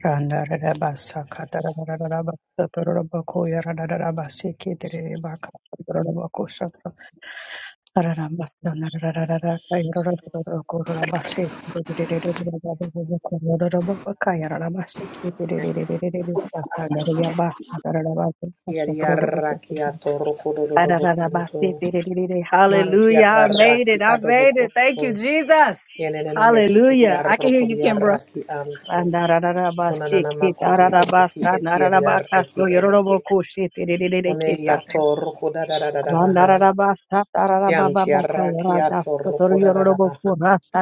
Randa rada basa kata rada rada rada basa toro rada koya rada rada basi kete rada baka toro rada bako satra rada rada rada rada rada kaya rada rada rada koro rada basi rada rada rada rada rada koro rada rada baka ya rada basi kete rada rada rada rada basa rada ya basa rada basa basa Kiari toro rada bako arraki atoro rada kodododobo rada kuntu. basi rada rada rada. Manti Hallelujah. I made adarraki it. I adobo made it. Thank kuntu. you, We are Jesus. made in Yenenene our meki image. edi Hallelujah. Thank I you, can hear arroko you, di Jesus. Kimbra. arraki antu. Hallelujah. Kunanana Randarararabasiki, makudi edeki tararabasa, eti edi arraki nararabakaso, ente. yororobokushi, Kone tiriririkisa. yatoro kodadadada baha. Randararabasa, Kianti tararabababaka, arraki yarada, atoro sotor, kodadada yororoboku, baha. rasa,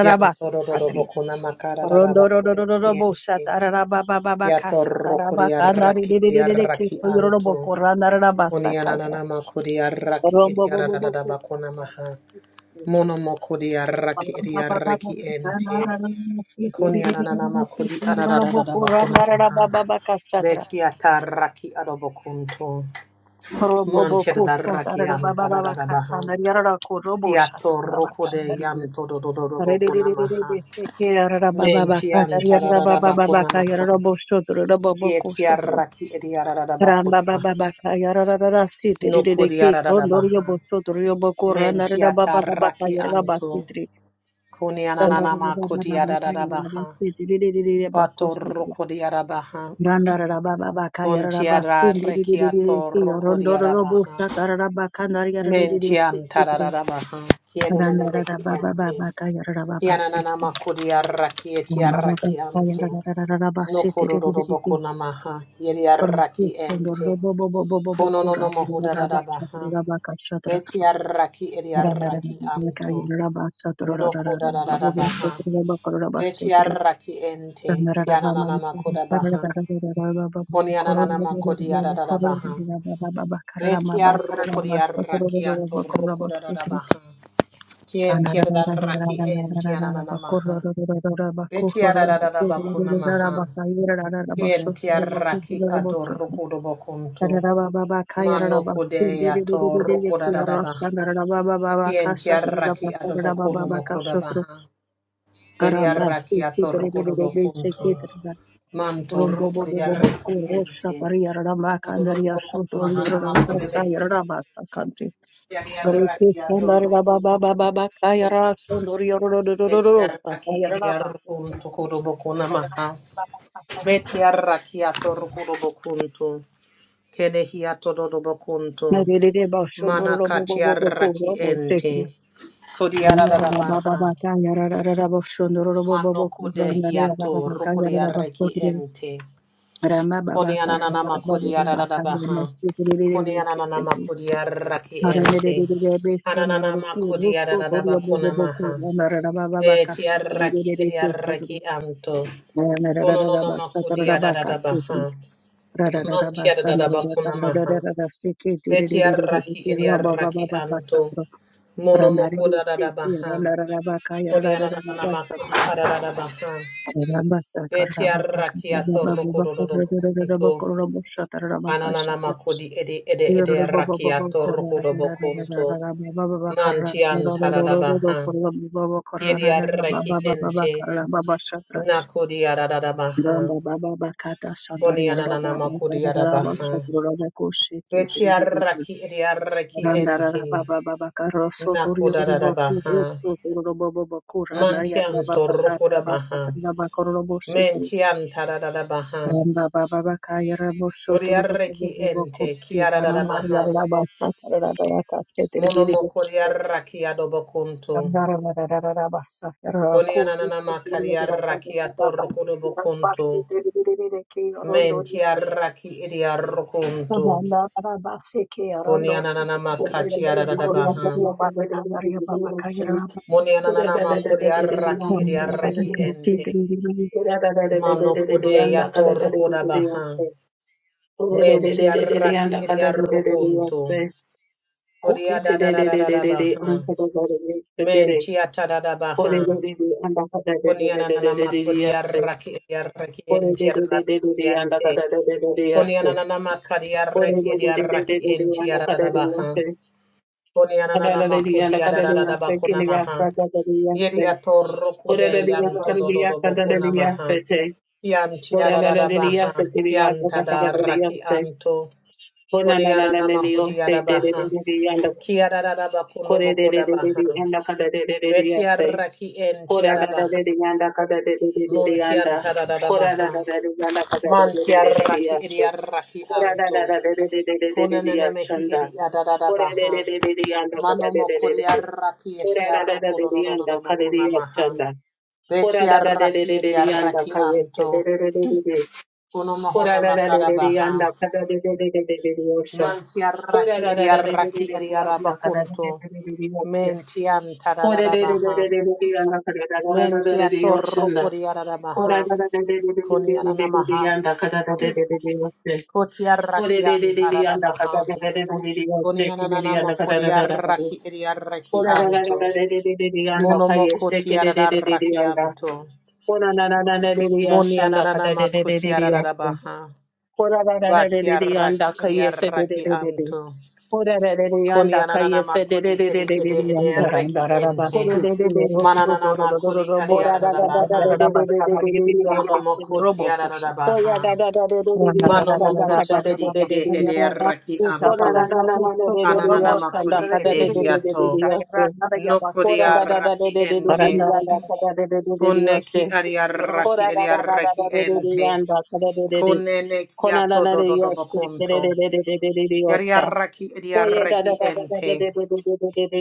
Kianto dododobo tatri. kuna makadadada bakude Rondororororobosa, ente. tararababababakasa, Yatorro tarabaka, kuriaraki iriaraki nariririririkiso, yororoboku, anto. randararabasa, kadra. Kuniananama kuriaraki Romboboboboku, iriaradadaba konamaha. Monomo kuriaraki iriaraki ente. Kuniananama kuriaradadaba konamaha. Satra. Betiataraki adobokunto. Manchedaraki antadadabaha. Kiatorro kude yanto dodododobo konamaha. Mentiantadadaba konamaha. Yetiaraki iriaradaba Ramba konamaha. No kodiaradabaha. Mentiata raki anto. Kuniananama kodiaradabaha. Pato rokodiarabaha. Ran darra ba ba ba ka ya ra ba ba se Buntiara teri di di di di rekiato di. rokodiarabaha. Rondororobusta darra ba kan dar ya di di di se teri. Mentiantaradabaha. Ran darra Kienenemehi ba ba ba ente. ba ka ya ra ba ba se teri Kiananama kodiaraki etiaraki anto. No di di di di kodorodoboko di. namaha. Yeriaraki ente. Kononono Rondororobobobobobobokura darra ba ba cha mohudadabaha. darra ba ka cha darra Betiaraki ran darra ba eriaraki ba ka anto. ya ra ba ba se teri No koda da da da baha. di di di Beti di di. arraki Karamba, ente. Kiana nana makoda baha. Koni anana makodi da da da baha. Beti arrukodi arraki ato rukoda da da baha. Kienti da raki enti anana maha. Beti ada da da da bakuna maha. Kienti arraki adorrukodo bokunto. Mano kode ato rukoda da da baha. Kienti arraki adobokuno mokoda baha. Beri arraki ato rukodo bokunto. Manto ruko ya raki Rumbobobobobokorosha ente. pariyararama Kododo kandariyasho boko na mahana toriyararasa makode behi ente. chayararabasa kanti. Yari ya Gareke raki ya to ruko sandarabababababa ntoko boko kayarasho maha. Beti doriyarorororororosa raki edi ya chayararabasa ruko ntoko boko na maha. kanti. Beti ya raki ya to ruko do boko nto. Kede hi ya to do Narirerabasho Mana kati ya raki dororobobobobokorobosekru. ente. Kodi rara maha. Ranarabababa kayarararabasho Mano kode hi dororobobobokorobandarabababa raki kayararabasokru. ente. Ramababa Konianana makodiara karararabababa da baha. Konianana kayaramasekru. makodiara ki ente. Kananana makodiara da bakuna maha. Betiara ki ediara ki anto. Kononono makodiara da baha. Mantiara da bakuna maha. Betiara araki ediara araki anto. Rabakasa Mono mokoda da baha. Konianana makodiara da baha. Betiara araki atoro kododo kunto. Ananana makodi ede ede Baba ede rakiato rokodo bokunto. Mantian taradabaha. Kiri arraki ente. Nakodi aradadabaha. Koni ananana makodi arabaha. Beti arraki ede arraki ente. Nakodadadabaha. Mantian torrokodabaha. Mentian taradadabaha. Ramba baba bakaya rabo Bodi sotoro robo arraki bobo boko ente. se ramba Kiaradadabaha. ya rabo satara rabo bakase tere bere bere Monomokodi soto arraki adobokunto. ramba ramba ramba ramba basa ramba kuru Konianana sotoro ya makaria ramba ramba rakia ramba torkudo ramba se bokunto. tere bere bere ke rondo ya Mentia boko raki idia rokunto. ramba ramba se ke rondo Konianana sotoro bere bere makatia bere kuru Yes. rondo radabaha. ya basa ramba bakaya ramba Monianana makuria raki ramba idia ramba raki boko ente. se Mano kodea torkuda baha. Mentia raki idia rokunto. Kodia dadadadadabaha. Mentia tadadabaha. Konianana makuria raki idia raki ente. Ente. Konianana makari arreki edi arraki enti adadadabaha. Kora Konianana makudi adadadabakuna maha. Yedi atorruku de yanto dododobokuna maha. Kianti adadadabaha. Kianta da arraki anto. Konianana mahudi adabaha. Kiadadadabakuna mokodabaha. Beti arraki enti adabaha. Muntianta dadadabaha. Manti arraki edi arraki anto. Konaneme hi edi adadada baha. Mano mo kuriaraki eti Ora-ra-ra-ra-ra-ra-yanda, arrokodododododo kunamaha. ka-ra-ra-ra-ra-yanda. Beti arraki edi Ora-ra-ra-ra-ra-ra-ra-yanda, arraki anto. ka-ra-ra-ra-ra-ra-ra-ra. Kuno mohona makara baha. Ora-ra-ra-ra-ra-ra-yanda, ka-ra-ra-ra-ra-ra-ra-ra-ra-yanda. Manti Ora-ra-ra-ra-ra-ra-ra-yanda, ka-ra-ra-ra-ra-ra-ra-ra-ra. arraki edi arraki edi Ora-ra-ra-ra-ra-ra-ra-yanda, arabakunto. Menti antadadada ka-ra-ra-ra-ra-ra-ra-ra-ra-yanda. baha. Ora-ra-ra-ra-ra-ra-ra-ra-ra-yanda, Menti atorro ka-ra-ra-ra-ra-ra-ra-ra. kuriarada baha. Konianana maha. Ora-ra-ra-ra-ra-ra-yanda, ka-ra-ra-ra-ra-ra-ra-ra-ra. Koti arraki antadada baha. Konianana makuriaraki edi arraki anto. Monomokoti Ora-ra-ra-ra-ra-ra-ra-ra-ra-ra. ararakianto. Kora na na na na de de ashanda Monianana kada de de de makoti de de ashanda. ararabaha. Kora na na na de Bati de de anda araki edi kaya se de de de de de. arrakianto. Kora na de de anda Konianana kaya se de makodi de de edi de de de edi de edi anda. arreki ente. Kora Yarandarabasti, de de de. Rosso, Mananana makudi makodi edi Dorobos, Kora da da da da ararabaha. de de de de Yarabasta, de de de de anda. Monomokoti Robocusa, ararabaha. Koya da da da de de de de Randarabasti, ashanda Rabos, Manomokoti kada de de edi de de Roboca, edi de de. edi Yarabasta, Marandarabasti, Kora na arrakianto. na na na de Randarabasti, de de de Ananana Robos, ashanda makudi Yarabasti, kada edi de de de de de hiato. de ashanda. Nokodi Kora da da da de arraki de de de ente. de de Aranda, anda Rababa, kada de de de de de Kone ki ashanda. ariaraki Kora da da da ariaraki da de de de ente. de anda kada de de de. Konene kiato dododo Dios, bokonto. Yariaraki idiaraki ente.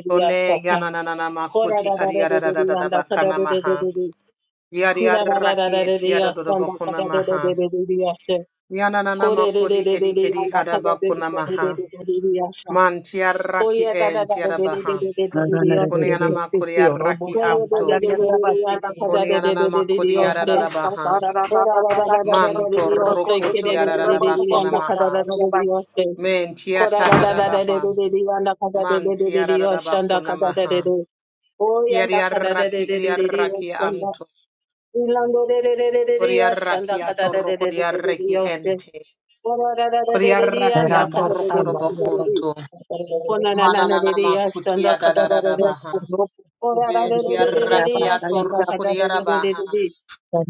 Kone yananana makuti adiadadadada bakana maha. Yariaraki etiada dodo bokona maha. Yananana makudi edi edi adabakuna maha. Mantiaraki entiada baha. Kone yanamakuri araki amto. Kone yananamakudi adadada baha. Manto rukuti adadada bakuna Rocosa, maha. Yarabasti, Mentiata Korada da da da de dadabaha. de de de yanda kada de Man de de de de yoshanda tiararabakuna kada de de maha. de. O yanda kada de de Tiariaraki de de de de eriaraki yoshanda. anto. Ilando de de de de de de Koriaraki yoshanda kada de atorro de de de de de de koriaraki yoshe. ente. Korada da da de de de Koriaraki Thank yanda kada atorro de de de de de de de. korobokunto. Kona na na na Mananana de de yoshanda makutia kada de de de. you. dadarabaha. Korada Ye de de de de de de tiaraki yoshanda atorro kada de de de de koriarabaha. de de.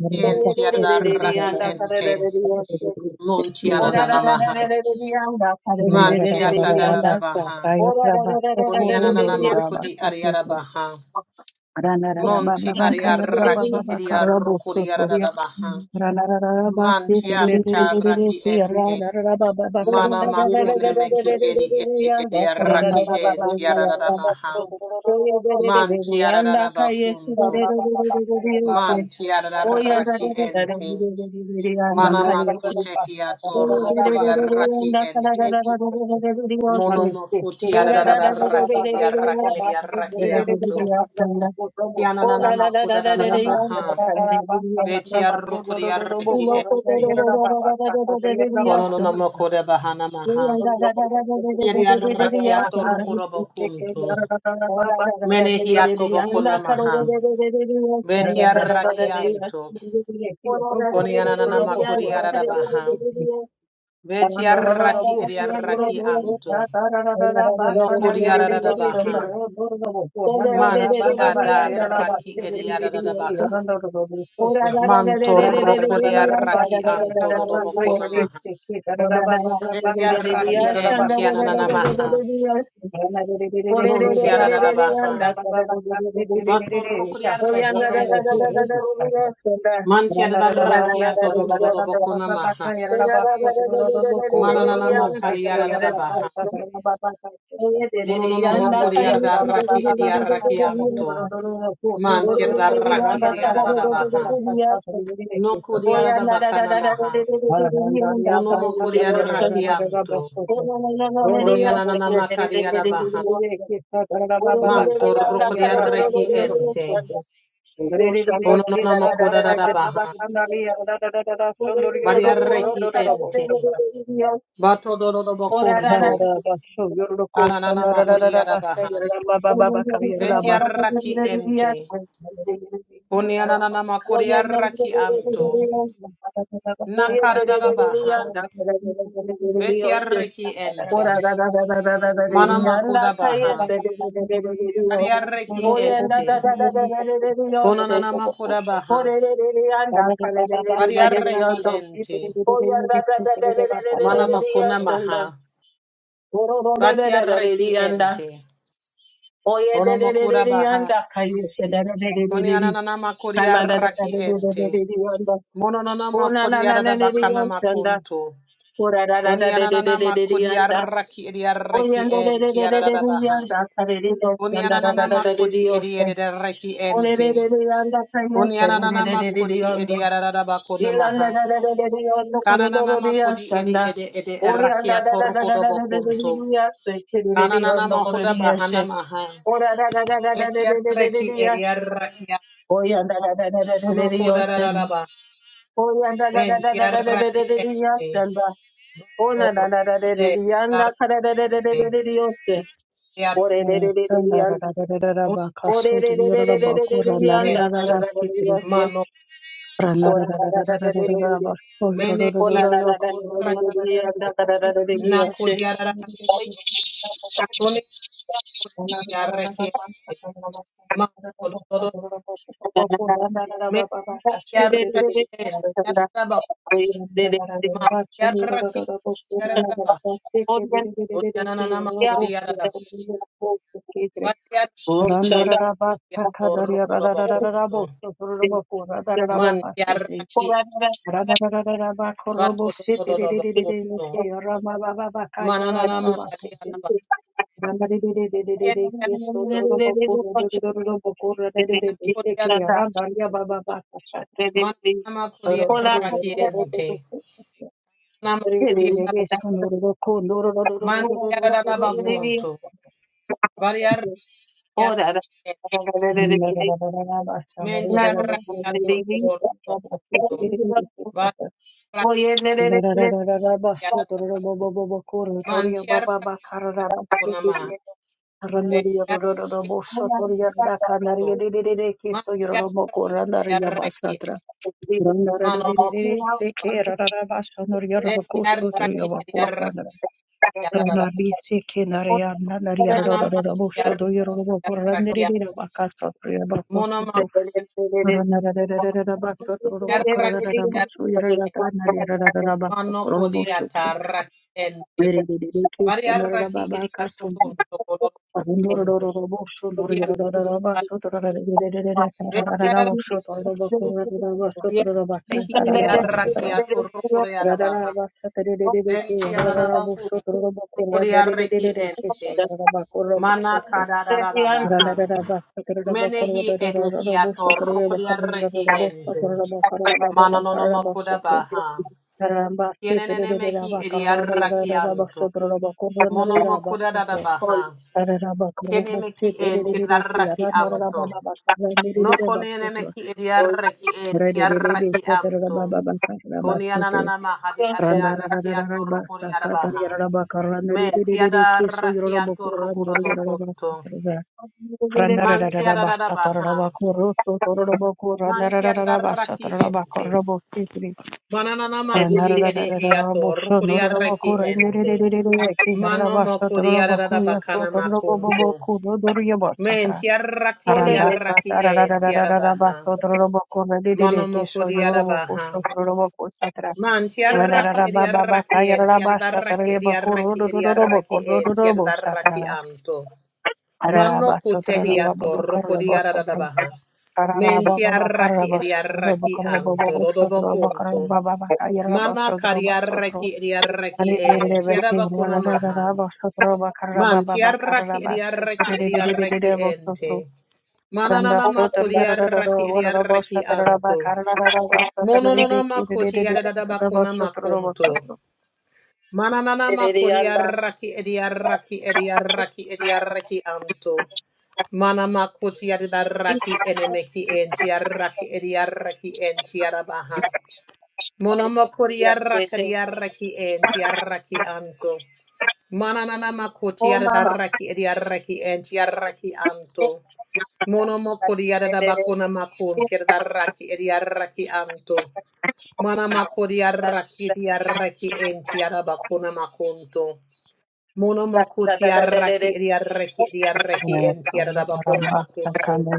Tien Oye de de de de de tiararaki yanda kada ente. de de de yoshe. Mun Korada tiananana da maha. Man tiatadarabaha. Kunianana da Ora makudi ariarabaha. Oh, Monti ariaraki ediarokodiaradabaha. Mantianta raki ente. Mana makunemeki edi edi Ramba ediaraki Baba baka ya raba entiaradabaha. kudu kudu kudu kudu kudu. Mantiaradadabakuntu. Ramba baba baka ya raba kudu kudu Mantiadaraki kudu kudu. ente. Mana Ramba baba, baba makute baka ya hiato rukuri raba kudu araki ente. kudu kudu. Mono Mane sekinda ramba baba baba, makutiaradadaraki baka ya ediaraki raba kudu ediaraki kudu kudu amto. kudu kudu makuda kudu. Ramba makudadadabaha. baba baba baka ya Beti raba kudu kudu arrukuri kudu arreki kudu. Yes. ente. Ramba baba, baba baka ya raba kudu Kono kudu kudu no namo kudu. kode bahana maha. Kiri Basta, arraki atorukuro bokuntu. Mene hi atobokona maha. Beti arraki anto. Koni ananana makuri arada baha. Beti arraki edi arraki anto. No kuri arada baha. Yeah. Manti adarraki edi arada baha. Manto rokuri arraki anto dodobokona maha. Oh, Beti arraki enti ananana maha. Yarabasa, Muntiaradabaha. Batorokuriareki ente. Mantiadarrakiato dododobokona maha. Mananana makariaradabaha. Mononono mokuriardarraki ediarrakianto. Mantiadarraki ediaradabaha. Nokuriaradabakana maha. Monomokuriarrakianto. Oh, Thank Onianana makariarabaha. Mantorokuriareki ente. Ononono mokodadabaha. Variareki ente. Bato Batodoro Bokunto. Ananana mahudi Mahodiarabaha. Betiaraki ente. Oni ananana makuri Makuriaraki anto. Nakaradabaha. Betiaraki Ora ente. da da you. da da da da da di Mana Thank di anda Makudabaha. kayeste di di di di di di di yos. Kariaraki Oyenda da ente. da da da da di di di yose. Konanana Makudabaha. Ore di di di anda kale di di di di di di Bariaraki yondo. ente. Oyenda da da da di di di di di Mana di di Makuna yosanda. Maha. Oro ro da da da da di Batiaraki di anda. ente. Oye di Ono di di di makuda di baha. anda kayeste da da di di di Oni di di. ananana makuri Kala da da da Makuriaraki di di di ente. di di di yondo. Mononana Ona na makodi na arada na di di bakana yosanda. makunto. Ora da da Koni da di di ananana di di di di makodi anda. arraki edi Oh, arraki enti arada baha. Koni ananana makodi edi edi arraki enti. Koni ananana makoti edi arada bakona maha. Kananana makodi edi ede edi arraki atoroko dobokunto. Kananana mahuda bahana maha. Eti arraki edi arraki a- noko da da Ba da ba ba ba. enti. Bakor kude arraki. Nadia Orererererererererianda, Tabonde, karararariyase, Mano Tototo, korarararerererereri, Mene konanananananananananananda, Kiarakiente, kararararerereriyase. Nakuriara Orerererererererereranda, you. Kone Randa Kiarakiente, Mano Tototo, Mene Kiarakiente, orererererererereranda, Yaraba, orererererererereranda, Ma Kiaraki, Yaraba, Kuriananama Kuriaraba, orererererererereranda, Vakiarente, Yator Kurobokunto, Man Kiaraki, Vato Tototo Bokunto, korarararerererererereranda, Mananama Kiaraba, Randare de de de de de de Kieto Doroboko Doroboko Randare de de Seki Randaria Baba Baka Chatra Manama kuria Rosu Doroboko rakiente. Nama Re de de kuria de de Sonoroboko Doroboko mantiara da Soto Yabaka bakunto. Varia rakia mentia rakia toro bakunto. Varia rakia da Rararararabasotorobobobobokoratoria mantia rakia bababakararabasotiri kunama. Ranariya Veria rororo rakiato. bosotoria rakanaria dededede keso Mantia yoroboko rakia randaria raki. basatra. Randara Manomo kuria. dededede seke rarara Thank basonoria Vetia yorobokoso yoroboko rakia rakia sandra. da da. Ranabi seke naria nanaria Nanama rororo kuria bosoto rakia. yoroboko rakia. randerede bakaso yorobokoso Monoma tro. kuria Ranara dededede basoto yoroboko rakia. rarara rakia. yorata naria rarara basoto Mano kodia yoroboso tro. tarra ente. Dededede keso Variarra narara ki baba idiarro kaso kunto kodoro kunto. Rarabasi, Kia vetiararatu. Kia tehi idiarra ki atorro kodearabaha. Ventiararabaku. Kodiarra ki ente. Mana kadararabaha. Menehi edehi atorro kodiarra ki ente. Mana nonomo kodabaha. Kienene mehi idiarra ki anto. Monomo kodarabaha. Randarabakura Keneme Kenemeki en tiarraki you. anto. No konenemeki Oh, ediarraki en tiarraki anto. Konianana mahadi arearaki atorukuri arabaha. Men ti tiadarraki atorukurabakunto. Man ti tiadarabaha. Man ti tiadarraki ente. Mananana makudi edehiato rukuri arraki ente. Mano mokuri ararabakana makunto. Men ti tiarraki Aranda ediarraki sata ra ra ra en ra ra ra ra ba tiarabaha. so tro ro bo ko re di di di ke Monomoko so yo ro bo ko diarabaha. so tro ro bo ko sa tra Man ra ra ra tiaraki ra ba ba ba ka idiaraki ya ra en ra ba sa tra tiadaraki ye ba ko ro idiaraki ro ro ro ro bo ko idiaraki ro ro en ro bo sa tra tiadaraki ra amto. ra ra ba Manoko so tro ro ba ba tehiato ba ka roko ro bo so tro diarabaha. ra ra ra Men ba ba ba ka ra tiaraki bo so tro ro bo idiaraki ko ro bo bo amto bo so tro ro ka ra dodobokunto. ba ba ba ka ya ra ba Mana so tro ba so tro kariaraki idiaraki re di re en be ti ra ra tiarabakuna ra ra maha. ra ba so tro ba ka ra ba Man ba ba ka ra tiaraki ba se idiaraki re di di di di di idiaraki bo so ente. tro Randa Mananana sotor yarararara makuriaraki wararaba idiaraki shatararaba amto. karararaba satararibe Mononona makoti yadada kiririririririraba bakuna shotororobo makunto. sotoro. Mananana makori yarraki ediarraki ediarraki ediarraki anto. Mana makoti yadada raki enemeki enti yarraki ediarraki enti yarabaha. Mono makori yarraki anto. Mananana makoti yadada raki ediarraki enti anto. Mono makori yadada bakuna makunti yadada raki ediarraki anto. Mana makodi arraki di arraki enti arabakuna makunto. Mono makuti arraki di arraki di arraki Yes, enti Lord. arabakuna Maramba makunto. sakanda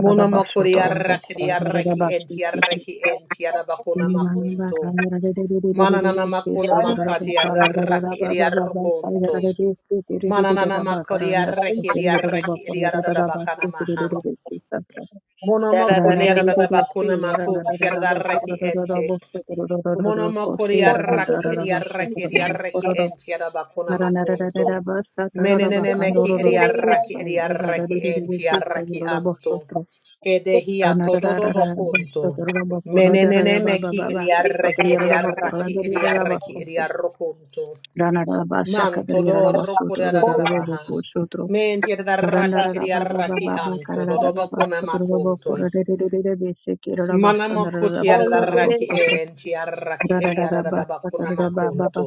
Mono makodi shotororobo arraki di arraki koranararaba enti sikitri. arraki enti arabakuna Maramba makunto. Mana kararariririririririri nana makuna kisotororobo makati arraki di kararararabababa arrokunto. kararariri Mana nana sikiriririraba makodi karanar arraki sotor di yararaba arraki di koranararaba arabakana maha. sikiririririri kisa. Monomoko diarabakuna makun tiararaki ente. Monomoko diaraki ediaraki ediaraki ente yarabakuna makunto. Menenene meki ediaraki ediaraki ente yaraki anto. Ranarabashaka Edehiato dodobokunto. Menenene meki ediaraki ediaraki ediaraki ediarrokunto. Manto doroko Yes. diararabaha. Menti yararaki ediaraki anto dodobokuna makunto. Manama kuti araraki enti araraki edi ararabakuna makuntu.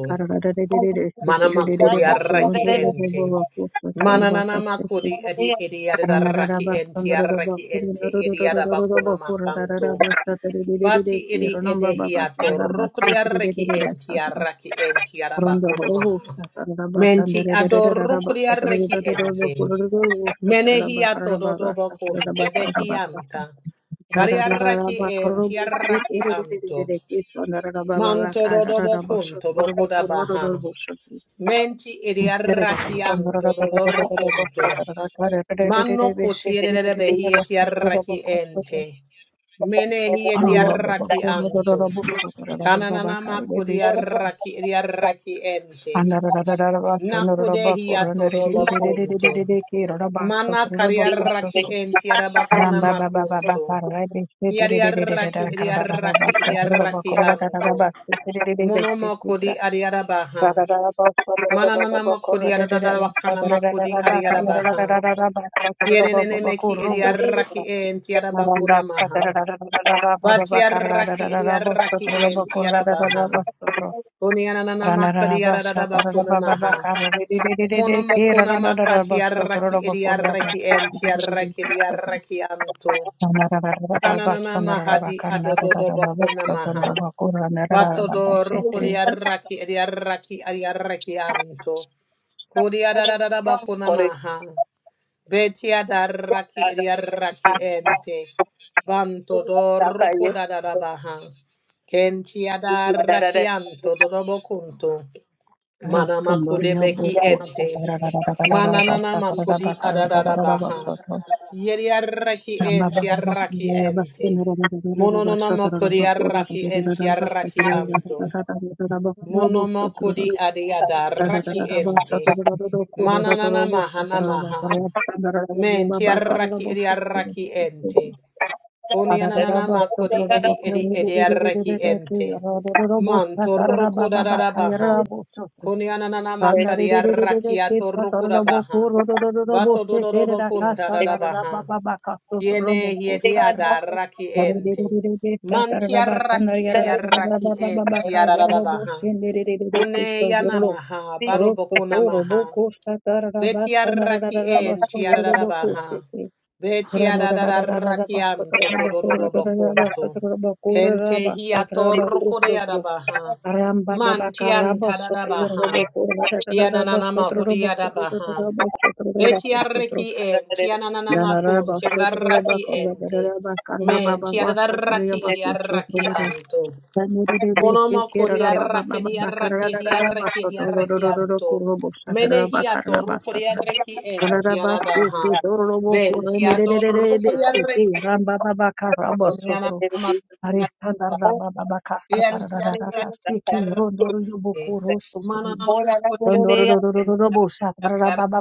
Manama kuri araraki enti. Mananana makuri edi edi araraki enti araraki enti edi arabakuna makantu. Bati edi edehiato rukri araraki enti araraki enti Randa arabakuna robo maha. sta tararaba Menti kandere ador rararaba rukri sta araraki tararaba enti. kuraraba sta tararaba Menehia kararaba sta tododobokun tararaba kararaba sta tebehianta. tararaba Variarraki en karobo sta tiarraki anto. rarararararare kito nararaba baba Manto kararaba sta dodobokun tararaba tobokoda baha. kuraraba sta Menti rararaba idiarraki sta anto narararararararaba dodorokunto. sta tararaba Manno kararararararare shiki kutiere behie rararaba sta tararaba tiarraki kuraraba ente. Menehie karamba baba tiarraki anto. kuraraba sta tararaba baba Kananama karare kudiarraki idiarraki ente. Andararararaba, chondororoba, Nakudehia todobokunto. porondariririririririririri, kiroroba, Mana sotoroba, kariaraki kosotro. enti arabakuna Rambabababa, makunto. parrebe, Kiariaraki setiririririririrar, kararararaba, iriaraki sotoroba, iriaraki korogarararaba, anto. setiriririririririk, Monomo kodi sekitra. ariarabaha. Rarararaba, Mananana sotoroba, makodi korodarararaba, aradadawakana makodi satararararaba, ariarabaha. kayararararaba, sotoroba, Kienenene meki korobu, sekitra. iriaraki enti Maranda arabakuna maha. satararararaba, bababa, Batiaraki kararararaba, iriaraki sotoroba, enti arabaha. korogarararaba, sotro. Onianana makodi Ranarabasha aradadabakuna Tarababa maha. Kara Monomokona makati Kirabasha yarraki edi Torabakura yarraki enti yarraki edi yarraki anto. Ranarabasha Kananana mahadi di adododo boko Narabakaranabasha namaha. Torabakura Vatodo Narabashetri rokodiaraki adiaraki adiaraki anto. Kodiadadada boko namaha. Betiadaraki adiaraki ente. Banto do rokodadadabaha. Kentiadaraki anto dodobo kunto. Manamaku Rotundorio debeki Boku ente. Tarabasha Mananana makudi adadada baha. Tarabakarabasoto Yeriaraki Ramaba enti araki enti. Mononona Rabasha makudi Tarabakura araki enti araki anto. Monomo Rabasha kudi adiada raki Yarara enti. Mananana mahana maha. Menti araki edi araki enti. Konianana makodi edi edi edi arreki ente. Manto rokoda da da da baha. Konianana Thank makadi arraki atorokoda baha. Bato dododo bakunda da da da baha. Kiene hiedi adarraki ente. Manti arraki edi arraki ente arada baha. Kune yana maha. Baro bokuna Rototo maha. roboko shatarabasa Betiaraki en narararabasa tiararabaha. yorobokosete. Ranarararabasa Betiararakianto tarabakorotarabasa kodododobokunto. Kente tarabakorabasa you. hiatoroko de tarabakosotro. yarabaha. Mantian Arambababakarabaso tadadabaha. tayorobokorarararabasa Yanananama hudiadabaha. tarabakorararabasa tarabakosotro. Betiaraki en tiananamakunti Ranarabaso yadaraki ente. tarabakorararabasa Men tarabababasa tiadaraki idiaraki tarabakosotro. anto. Ramba Monoma koria raki dia raki dia raki dia raki anto. Menehi ato rukoria reki en tiara baha. Ben tiado rukoria reki. Boniana mama koria raki. Ben tiara dia raki. Mana nama koria en tiara raki dia raki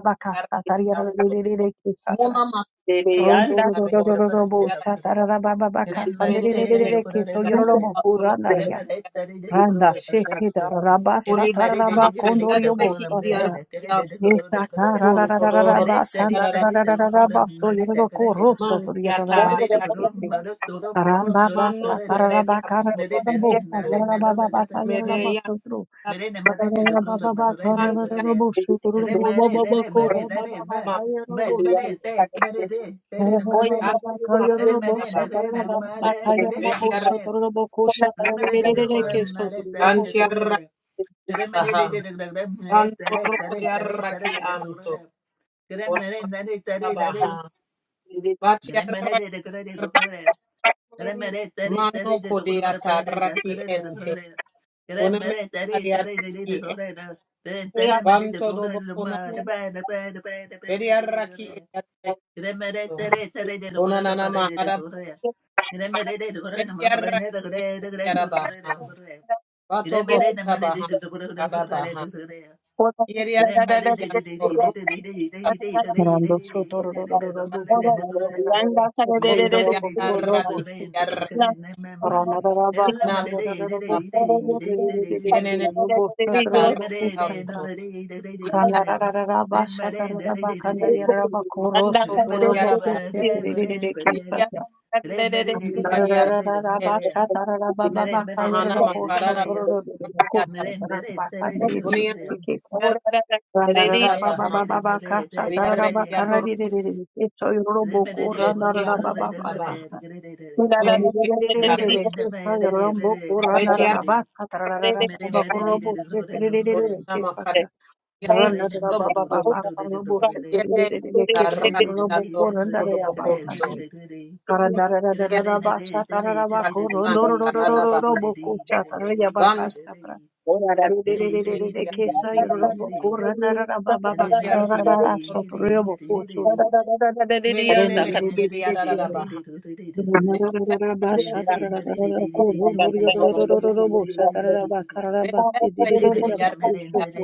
anto. Mona makar Rondo Mere, ato mere, mere, mere, mere, mere, mere, mere, mere, mere, menenene so kia mere, makuna. Randa sheke da raba Oni satara raba ama kondorio bo kariareki satara. iriareki Yesa na ra non ra ra ra ra todor raba sanda tarara ra ra ra ra raba so yoro ko rosso man to yoro tiata raba seke tre. Ramba ba man no satara kode raba ya kara todo raba bo Thank sa to yoro raba ba ba ta yoro mene raba ya so tro. Ra ra ra ba ba ba man kara ra ra ra tiato bo so tro ra bo bo bo bo ko ra ba ba ba ta man yoro bo kode seke. peki mere, mere, Ra ra ra ba mere, ba an ba ka ma Remember, yoro bo so taba ra ra ba ba ba ta yoro bo betiar so tro ro bo ko sa ra ra re re re punto ke so tro ro an bo ko tiara baha ban todor kode araki anto on ma taba ha you. batiara mano kode ataraki ente Una me ariaraki e vanto dobo kuna beriaraki e yaraki. Kuna nana maharaba Remember, beriaraki e yarabaha. Vato bohuta baha kadabaha. Yeriaraki ya koruta baha. Rando soto roro roro robo kurban roro roro seko yoro robo korobo Yataraki sikiri. yaraki Rana rara ba kara naka. roro robo soto roro roro ke Yenene robo soto robo yataraki kusatra. anto. Rana Yeria rara rara ba shata rara ba kana yara raba koro soto makur robo yaraba. kusetiri roro ke Yeria satra. Rana rara yariaraki rara e ba shata rara ba ba Mere, ba kuna mere, kaya mahana mere, mere, robo makarara. soto mere. roro roro Yata. Mere, mere, kusatra mere, ba mere, kana mere. riri Kunia ke. Mere, Randarara mere, baba yaraba. baba mere, mere, baka mere, mere, mere, Kuriarre sakarara baka mere. kiator rarirerere keso Mere, mere, mere, mere, mere, mere, mere. yororomboko Mere, kurientia randarara baba baka babaha mentia mere, mere, mere, mere, mere. Mere, rarirerere mere, mere, keso mere, mere, yororomboko randarara betiarre Thank mere. baka tararara Mere, mere, baka mere, mere, mere, mere. robo Mere, setererere kunama keso karia mere, mere, mere, mere, mere, mere. Mere, mere, randarara baba roboko baba baka robo yede setererere keso mere, rakiato yororomboko randarara baka kodobokonto mentia karandarara basa tararara baka rakian karadaba rondorororororo boko chatarara baka banto mentia mere, mere, Rerererekesa mere, yororobo mere, mere. koranarara bababa Meditate, utiarre kararara you. sotoriobo kosoto. menene mekiria Renererebese dadaba kelene. betia Ranarararaba satarararara roboko koronoriorororororobo satararaba kararaba betia sidirerereba kiarre kosoto.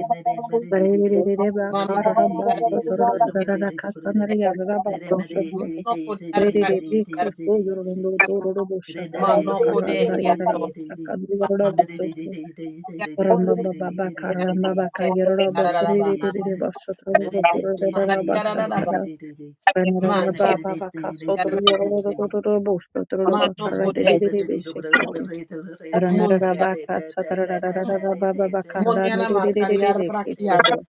Rererereba mano kararaba sotorororororora kastanariyararaba kosoto. mano kuriarre Rererebe koso yororondorororobo mano satararaba kodehiato karandariyararaba sakandriyararaba soto. Manana Rambababa karambaba kayerora Today, bakuri de de de de basotro bakuri de de de basatra banarara baba baka sotro yororo do do do do bostro bakara de de de de besekete ranarara baka satara rarara baba kitro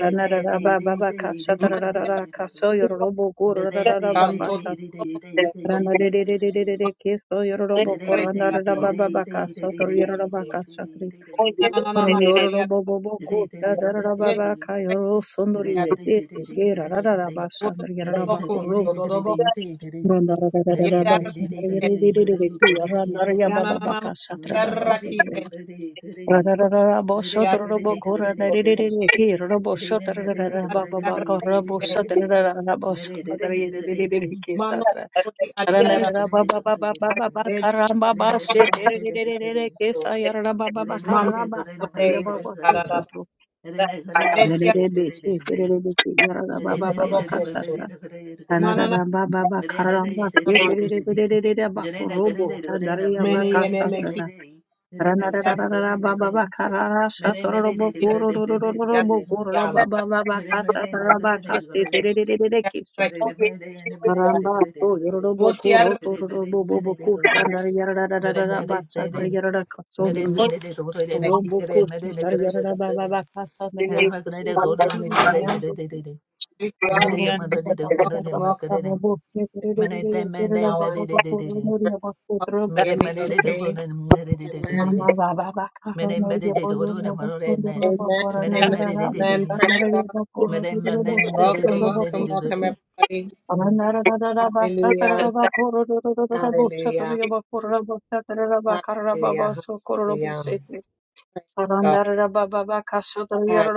ranarara baba baka satara rarara kaso yororo bokuru baba sat rana de de de de de de de kiso yororo bokuru baba baka sotro yororo baka Rondororo bobo boko dadarara baba kayoro sondoriye dese ke rarara bashandari yarara Mere bakoro rondororo dadarara bashandari yarara ku yarandari baba baka satrara bakoro rarara bosotoro boko rarara ke robo sotrara baba baka robo de de de ke satra rarara baba baba baba baka Betia de de de ke Kato, sa yarara baba baka Mano ramba satrara Kone Yantarada, baba Betia Nerebe şey serebe şey yarara baba baba Torobo Kunto, kasata Manana tanarara baba Merenda baba karamba Namakiato, yeterebe bak robo çandare ya Many Enemeki ranarara baba baba karara şatoro robo Mutia kuru baba Yanta, baba kasata baba kasteterebe ki sutru so yorobo kuru Motia robo bobo kustandare yarara bak Tobokuna, çandare yarara Betia. Rombo koştu. Dar yarana baba baka sanır yarana. Rombo Hallelujah. koştu. Praise God. Yarana baba baka baka Welcome, welcome sanır. Rombo to yarana our baba baka sanır. prayer. Rombo koştu. Rombo Mere Amy, mere de koştu. do okay. ne mere de de de de de. Amen. Mama baba baka Mere sanır. mere de do ne Rombo maro koştu. re Rombo ne. Amen. koştu. Mere Amen. mere de Narara de de Amen. baka de. Praise sanır. God. Rombo Mere koştu. mere Rombo koştu. mere Welcome, de Rombo de de welcome, de de welcome, koştu. everybody. Mm. Anara da da da baka sanır. Hallelujah. Rombo koştu. Rombo koştu. Rombo koştu. Hallelujah. Thank you. Rombo koştu. Rombo koştu. Rombo Hallelujah. koştu. Rombo koştu. Rombo Hallelujah. koştu. Praise God. Blessings, Hall-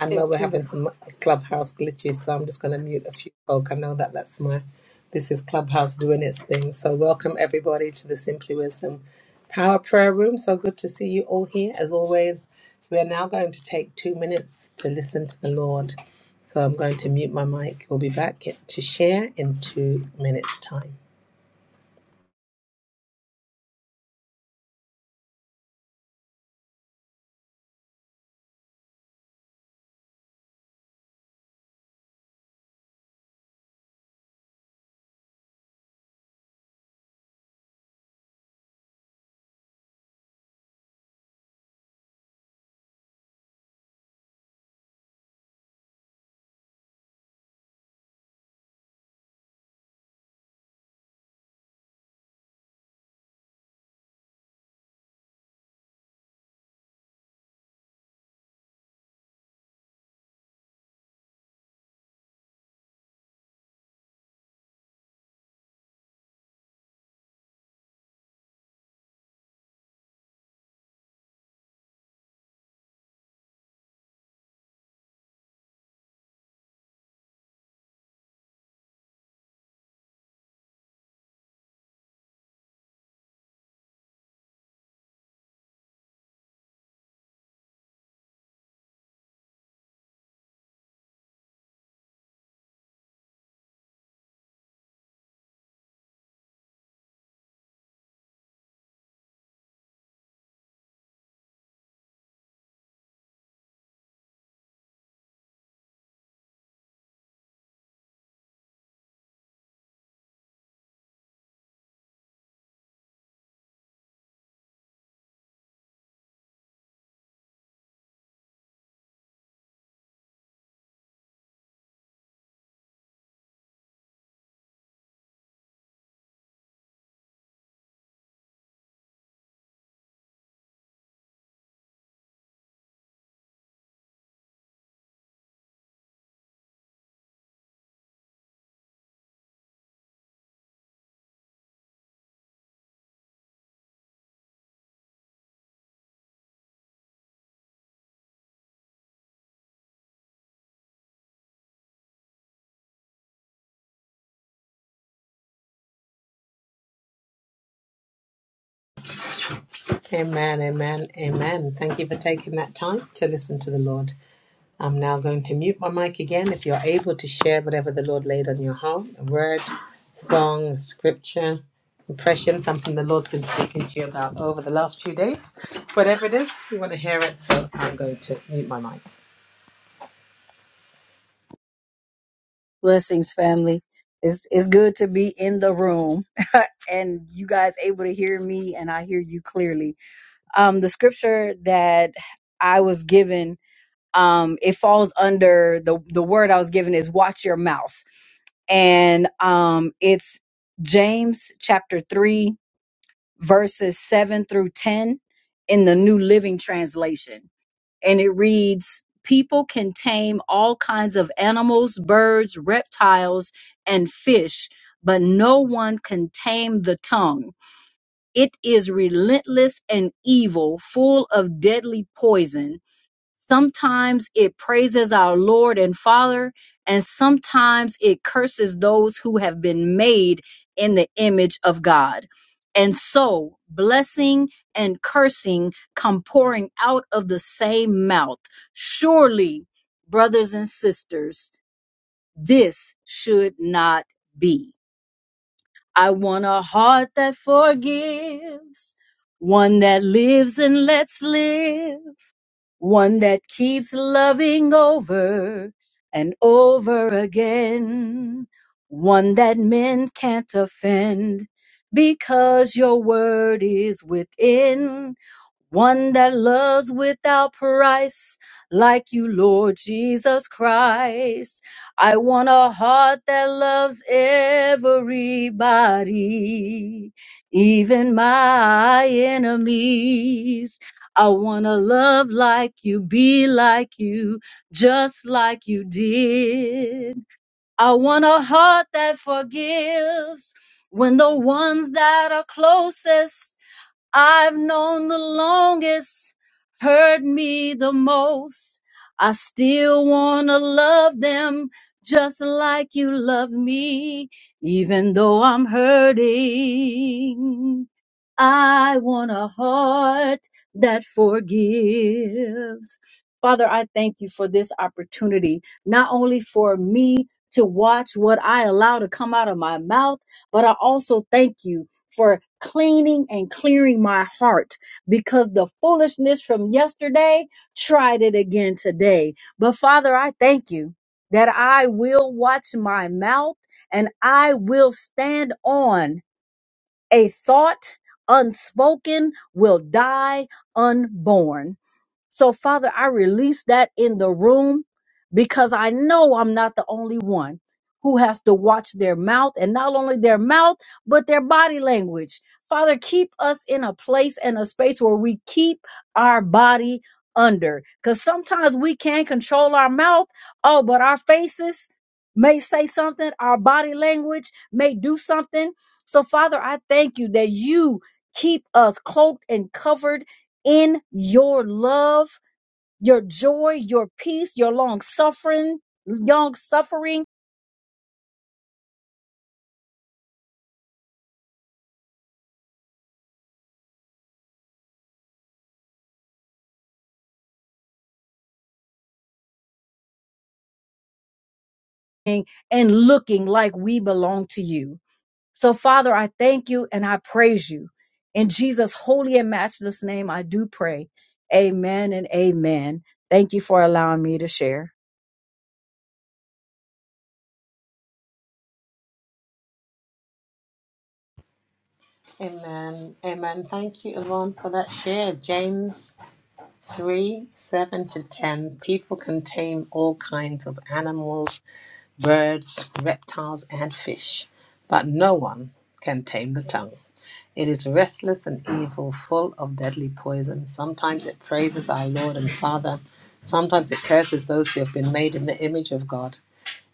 I know we're having some clubhouse glitches, so I'm just going to mute a few folk. I know that that's my, this is clubhouse doing its thing. So welcome everybody to the Simply Wisdom Power Prayer Room. So good to see you all here. As always, we are now going to take two minutes to listen to the Lord. So I'm going to mute my mic. We'll be back to share in two minutes time. Amen, amen, amen. Thank you for taking that time to listen to the Lord. I'm now going to mute my mic again. If you're able to share whatever the Lord laid on your heart, a word, song, scripture, impression, something the Lord's been speaking to you about over the last few days, whatever it is, we want to hear it. So I'm going to mute my mic. family. It's it's good to be in the room and you guys able to hear me and I hear you clearly. Um the scripture that I was given um it falls under the the word I was given is watch your mouth. and um, it's James chapter 3, verses 7 through 10 in the New Living Translation. and it reads People can tame all kinds of animals, birds, reptiles, and fish, but no one can tame the tongue. It is relentless and evil, full of deadly poison. Sometimes it praises our Lord and Father, and sometimes it curses those who have been made in the image of God. And so, blessing and cursing come pouring out of the same mouth. Surely, brothers and sisters, this should not be. I want a heart that forgives, one that lives and lets live one that keeps loving over and over again, one that men can't offend because your word is within one that loves without price, like you, Lord Jesus Christ. I want a heart that loves everybody, even my enemies. I want to love like you, be like you, just like you did. I want a heart that forgives when the ones that are closest I've known the longest, hurt me the most. I still wanna love them just like you love me, even though I'm hurting. I want a heart that forgives. Father, I thank you for this opportunity, not only for me to watch what I allow to come out of my mouth, but I also thank you for cleaning and clearing my heart because the foolishness from yesterday tried it again today. But Father, I thank you that I will watch my mouth and I will stand on a thought unspoken will die unborn. So, Father, I release that in the room because I know I'm not the only one who has to watch their mouth and not only their mouth, but their body language. Father, keep us in a place and a space where we keep our body under because sometimes we can control our mouth. Oh, but our faces may say something, our body language may do something. So, Father, I thank you that you keep us cloaked and covered in your love, your joy, your peace, your long suffering, long suffering, and and looking like we belong to you. So, Father, I thank you and I praise you. In Jesus' holy and matchless name, I do pray. Amen and amen. Thank you for allowing me to share. Amen. Amen. Thank you, Yvonne, for that share. James 3 7 to 10. People can tame all kinds of animals, birds, reptiles, and fish, but no one can tame the tongue. It is restless and evil, full of deadly poison. Sometimes it praises our Lord and Father. Sometimes it curses those who have been made in the image of God.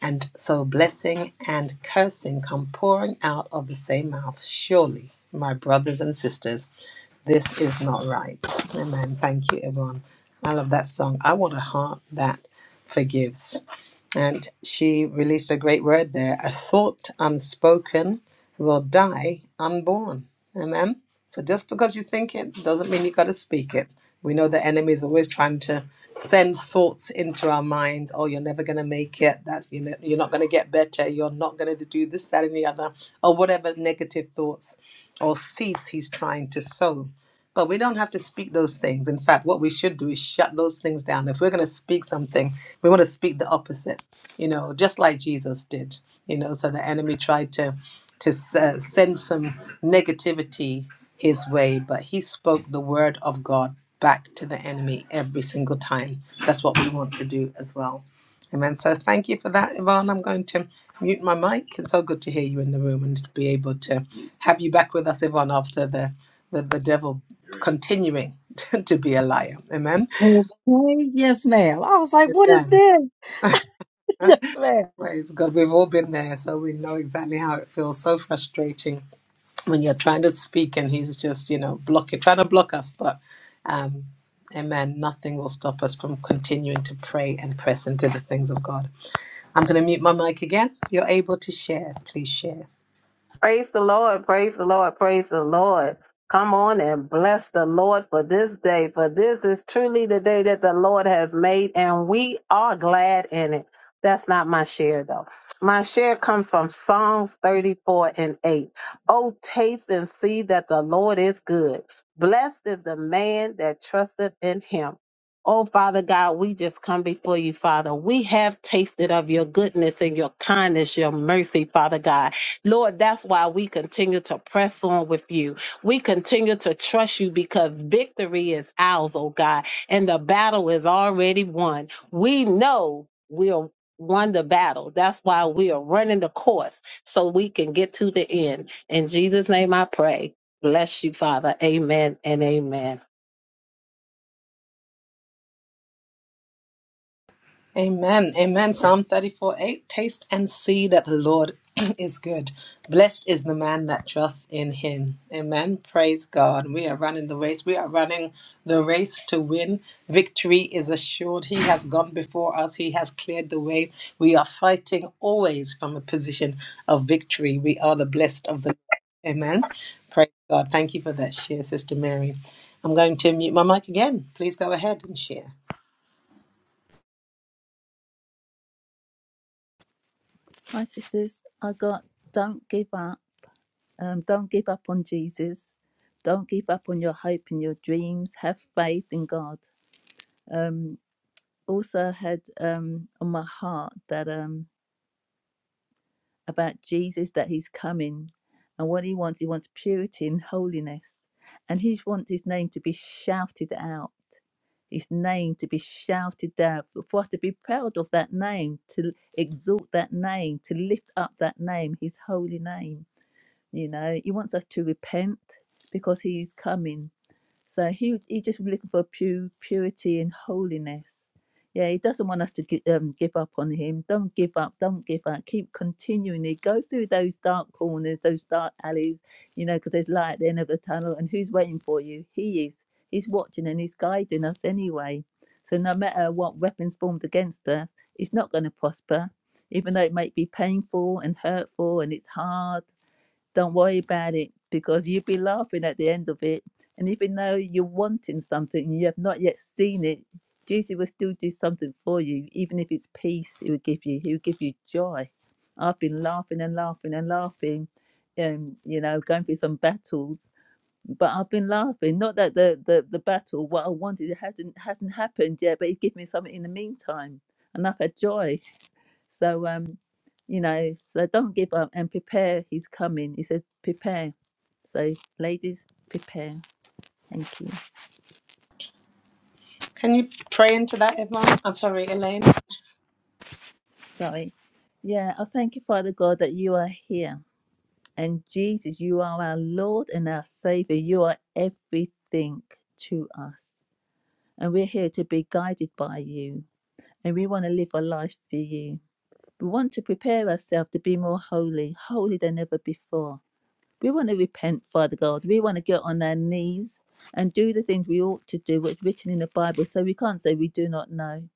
And so blessing and cursing come pouring out of the same mouth. Surely, my brothers and sisters, this is not right. Amen. Thank you, everyone. I love that song. I want a heart that forgives. And she released a great word there a thought unspoken will die unborn. Amen. So just because you think it doesn't mean you got to speak it. We know the enemy is always trying to send thoughts into our minds. Oh, you're never going to make it. That's you know, you're not going to get better. You're not going to do this, that, and the other, or whatever negative thoughts or seeds he's trying to sow. But we don't have to speak those things. In fact, what we should do is shut those things down. If we're going to speak something, we want to speak the opposite you know, just like Jesus did, you know. So the enemy tried to to uh, send some negativity his way, but he spoke the word of God back to the enemy every single time. That's what we want to do as well. Amen. So thank you for that, Yvonne. I'm going to mute my mic. It's so good to hear you in the room and to be able to have you back with us, Yvonne, after the, the, the devil continuing to be a liar. Amen. Okay, yes, ma'am. I was like, what is Amen. this? Yes, ma'am. Praise God. We've all been there, so we know exactly how it feels. So frustrating when you're trying to speak and he's just, you know, blocking, trying to block us. But, um, amen, nothing will stop us from continuing to pray and press into the things of God. I'm going to mute my mic again. If you're able to share, please share. Praise the Lord, praise the Lord, praise the Lord. Come on and bless the Lord for this day, for this is truly the day that the Lord has made, and we are glad in it. That's not my share, though. My share comes from Psalms 34 and 8. Oh, taste and see that the Lord is good. Blessed is the man that trusteth in him. Oh, Father God, we just come before you, Father. We have tasted of your goodness and your kindness, your mercy, Father God. Lord, that's why we continue to press on with you. We continue to trust you because victory is ours, oh God, and the battle is already won. We know we'll won the battle. That's why we are running the course so we can get to the end. In Jesus' name I pray. Bless you, Father. Amen and amen. Amen. Amen. Psalm 34 8 Taste and see that the Lord is good. Blessed is the man that trusts in him. Amen. Praise God. We are running the race. We are running the race to win. Victory is assured. He has gone before us, He has cleared the way. We are fighting always from a position of victory. We are the blessed of the Lord. Amen. Praise God. Thank you for that share, Sister Mary. I'm going to mute my mic again. Please go ahead and share. My sisters, I got don't give up. Um, don't give up on Jesus. Don't give up on your hope and your dreams. Have faith in God. Um, also had um, on my heart that. um. about Jesus that he's coming and what he wants. He wants purity and holiness. And he wants his name to be shouted out, his name to be shouted out, for us to be proud of that name, to exalt that name, to lift up that name, his holy name. You know, he wants us to repent because he is coming. So he he just looking for pure purity and holiness. Yeah, he doesn't want us to gi- um, give up on him. Don't give up. Don't give up. Keep continually go through those dark corners, those dark alleys. You know, because there's light at the end of the tunnel, and who's waiting for you? He is. He's watching and he's guiding us anyway. So no matter what weapons formed against us, it's not going to prosper. Even though it might be painful and hurtful and it's hard, don't worry about it because you'll be laughing at the end of it. And even though you're wanting something and you have not yet seen it, Jesus will still do something for you. Even if it's peace, He will give you. He will give you joy. I've been laughing and laughing and laughing, and you know, going through some battles. But I've been laughing. Not that the the, the battle, what I wanted, it hasn't hasn't happened yet. But He gave me something in the meantime, and I've had joy so um, you know, so don't give up and prepare. He's coming. He said, prepare. So ladies, prepare. Thank you. Can you pray into that, Yvonne? I'm sorry, Elaine. Sorry. Yeah, I thank you, Father God, that you are here. And Jesus, you are our Lord and our Savior. You are everything to us. And we're here to be guided by you. And we want to live a life for you. We want to prepare ourselves to be more holy, holy than ever before We want to repent, Father God. We want to get on our knees and do the things we ought to do, what's written in the Bible, so we can't say we do not know.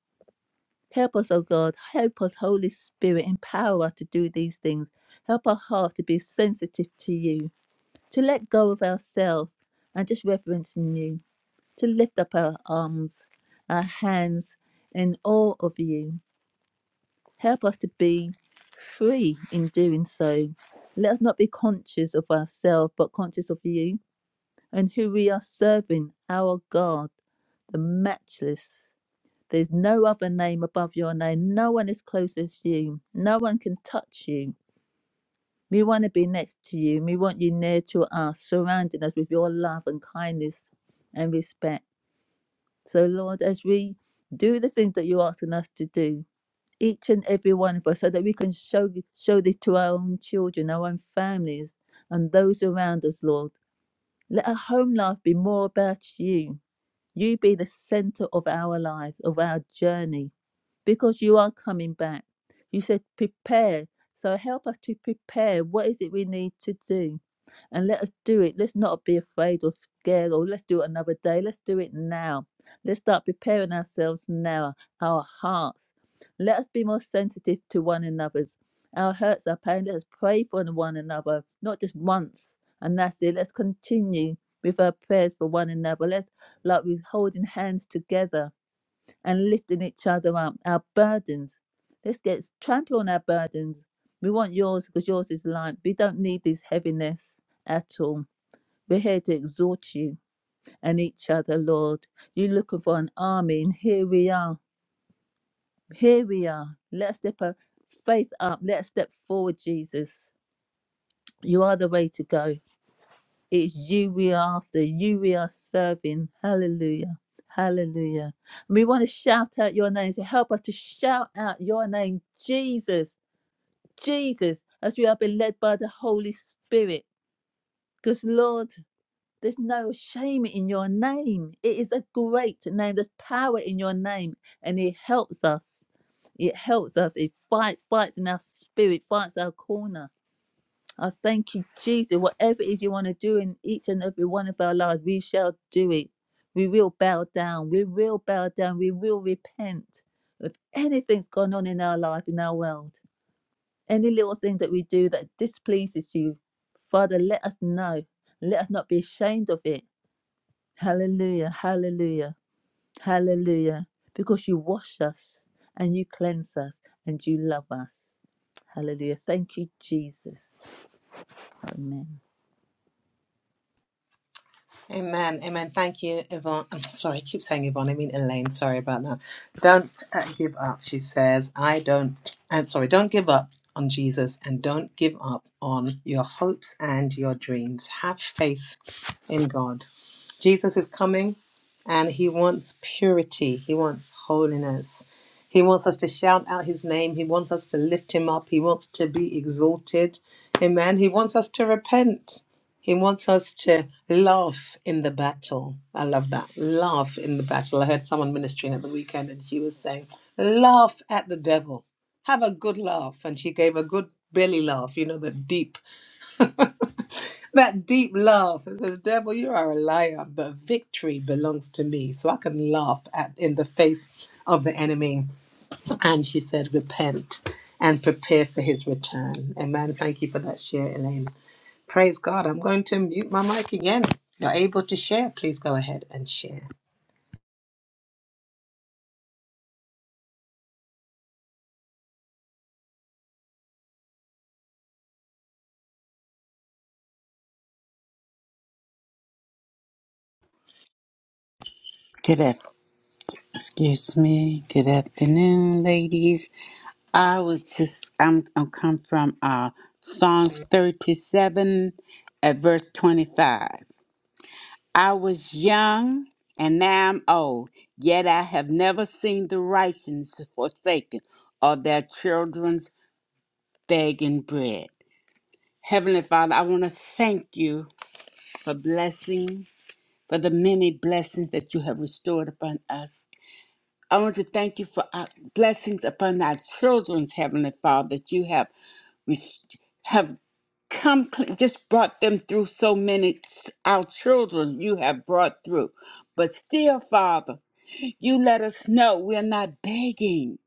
Help us, O God. Help us, Holy Spirit. Empower us to do these things. Help our heart to be sensitive to you, to let go of ourselves and just reverence in you, to lift up our arms, our hands in awe of you. Help us to be free in doing so. Let us not be conscious of ourselves, but conscious of you and who we are serving, our God, the matchless. There's no other name above your name. No one is close as you. No one can touch you. We want to be next to you. We want you near to us, surrounding us with your love and kindness and respect. So, Lord, as we do the things that you're asking us to do, each and every one of us, so that we can show show this to our own children, our own families, and those around us, Lord. Let our home life be more about you You be the center of our lives, of our journey, because you are coming back. You said, prepare. So help us to prepare. What is it we need to do? And let us do it. Let's not be afraid or scared or let's do it another day. Let's do it now. Let's start preparing ourselves now, our hearts. Let us be more sensitive to one another's. Our hurts, our pain, let us pray for one another, not just once. And that's it. Let's continue with our prayers for one another. Let's like we're holding hands together and lifting each other up, our burdens. Let's get trample on our burdens. We want yours because yours is light. We don't need this heaviness at all. We're here to exhort you and each other, Lord. You're looking for an army, and here we are. Here we are. Let's step our faith up. Let's step forward, Jesus. You are the way to go. It's you we are after, you we are serving. Hallelujah. Hallelujah. we want to shout out your name. So help us to shout out your name, Jesus, Jesus, as we are being led by the Holy Spirit. Because, Lord, there's no shame in your name. It is a great name. There's power in your name, and it helps us. It helps us. It fights, fights in our spirit, fights our corner. I thank you, Jesus. Whatever it is you want to do in each and every one of our lives, we shall do it. We will bow down. We will bow down. We will repent of anything's gone on in our life, in our world. Any little thing that we do that displeases you, Father, let us know. Let us not be ashamed of it. Hallelujah, hallelujah, hallelujah. Because you wash us and you cleanse us and you love us. Hallelujah. Thank you, Jesus. Amen. Amen. Amen. Thank you, Yvonne. I'm sorry, I keep saying Yvonne. I mean Elaine. Sorry about that. Don't uh, give up, she says. I don't, I'm sorry, don't give up on Jesus and don't give up on your hopes and your dreams. Have faith in God. Jesus is coming and he wants purity. He wants holiness. He wants us to shout out his name. He wants us to lift him up. He wants to be exalted. Amen. He wants us to repent. He wants us to laugh in the battle. I love that. Laugh in the battle. I heard someone ministering at the weekend and she was saying, Laugh at the devil. Have a good laugh. And she gave a good belly laugh, you know, the deep that deep laugh. It says, Devil, you are a liar, but victory belongs to me. So I can laugh at in the face of the enemy. And she said, Repent and prepare for his return. Amen. Thank you for that share, Elaine. Praise God. I'm going to mute my mic again. You're able to share. Please go ahead and share. Good af- excuse me. Good afternoon, ladies. I was just I'm I'm come from uh Psalms thirty seven at verse twenty five. I was young and now I'm old, yet I have never seen the righteous forsaken or their children's begging bread. Heavenly Father, I want to thank you for blessing for the many blessings that you have restored upon us. I want to thank you for our blessings upon our children's heavenly Father that you have res- have come cl- just brought them through so many our children you have brought through, but still, Father, you let us know we're not begging.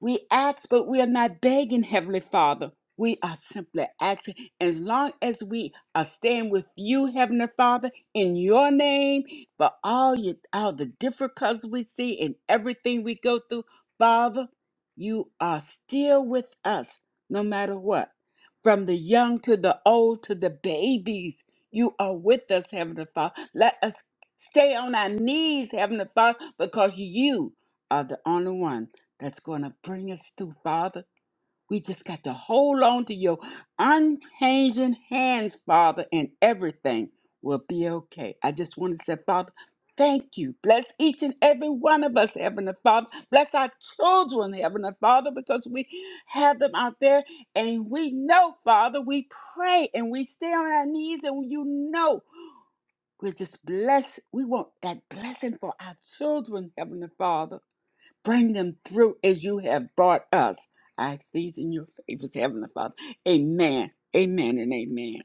We ask, but we are not begging, Heavenly Father. We are simply asking, as long as we are staying with you, Heavenly Father, in your name, for all you, all the difficulties we see and everything we go through, Father, you are still with us, no matter what. From the young to the old to the babies, you are with us, Heavenly Father. Let us stay on our knees, Heavenly Father, because you are the only one that's going to bring us through, Father. We just got to hold on to your unchanging hands, Father, and everything will be okay. I just want to say, Father, thank you. Bless each and every one of us, Heavenly Father. Bless our children, Heavenly Father, because we have them out there and we know, Father, we pray and we stay on our knees and you know. We're just blessed. We want that blessing for our children, Heavenly Father. Bring them through as you have brought us. I ask these in your favors, Heavenly Father. Amen. Amen and amen.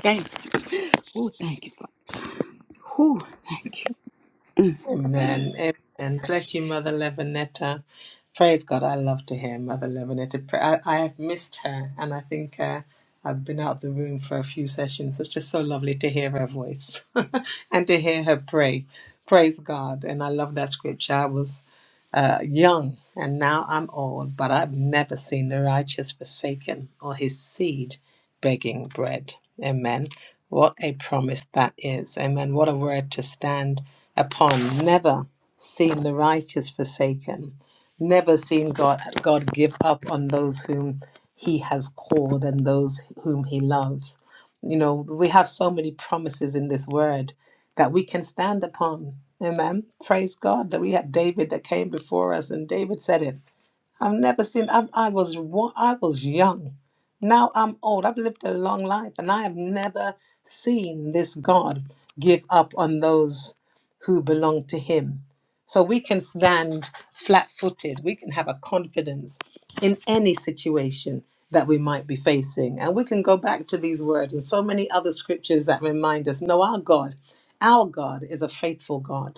Thank you. Oh, thank you, Father. Oh, thank you. Amen. Amen. Bless you, Mother Levinetta. Praise God. I love to hear Mother Levinetta. pray. I, I have missed her, and I think uh, I've been out the room for a few sessions. It's just so lovely to hear her voice and to hear her pray. Praise God. And I love that scripture. I was uh, young, and now I'm old, but I've never seen the righteous forsaken or his seed begging bread. Amen. What a promise that is. Amen. What a word to stand upon, never seen the righteous forsaken, never seen God, God give up on those whom He has called and those whom He loves. You know, we have so many promises in this word that we can stand upon. Amen. Praise God that we had David that came before us, and David said it. I've never seen. I, I was wa- I was young. Now I'm old. I've lived a long life, and I have never seen this God give up on those who belong to Him. So we can stand flat-footed. We can have a confidence in any situation that we might be facing, and we can go back to these words and so many other scriptures that remind us: No, our God, our God is a faithful God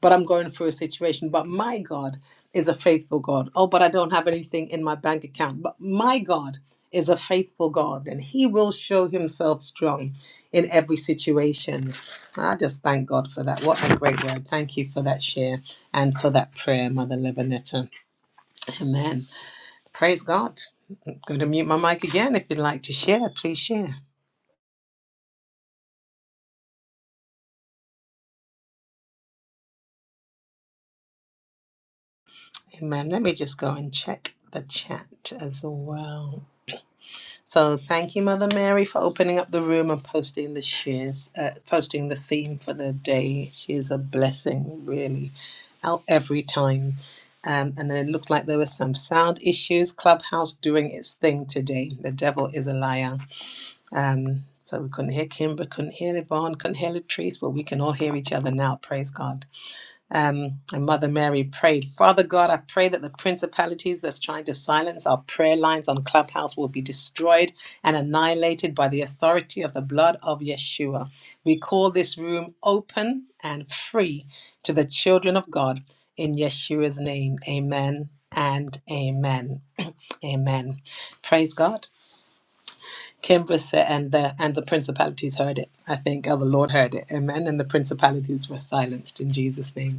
but I'm going through a situation. But my God is a faithful God. Oh, but I don't have anything in my bank account. But my God is a faithful God, and He will show Himself strong in every situation. I just thank God for that. What a great word. Thank you for that share and for that prayer, Mother Lebanetta. Amen. Praise God. I'm going to mute my mic again. If you'd like to share, please share. Amen. Let me just go and check the chat as well. So thank you, Mother Mary, for opening up the room and posting the shares, uh, posting the theme for the day. She is a blessing, really, out every time. Um, and then it looks like there were some sound issues. Clubhouse doing its thing today. The devil is a liar. Um, so we couldn't hear Kimber, couldn't hear Yvonne, couldn't hear Latrice, but we can all hear each other now. Praise God. Um, and Mother Mary prayed, Father God, I pray that the principalities that's trying to silence our prayer lines on Clubhouse will be destroyed and annihilated by the authority of the blood of Yeshua. We call this room open and free to the children of God in Yeshua's name. Amen and amen. Amen. Praise God. Kimbra said, and the, and the principalities heard it. I think, oh, the Lord heard it. Amen. And the principalities were silenced in Jesus' name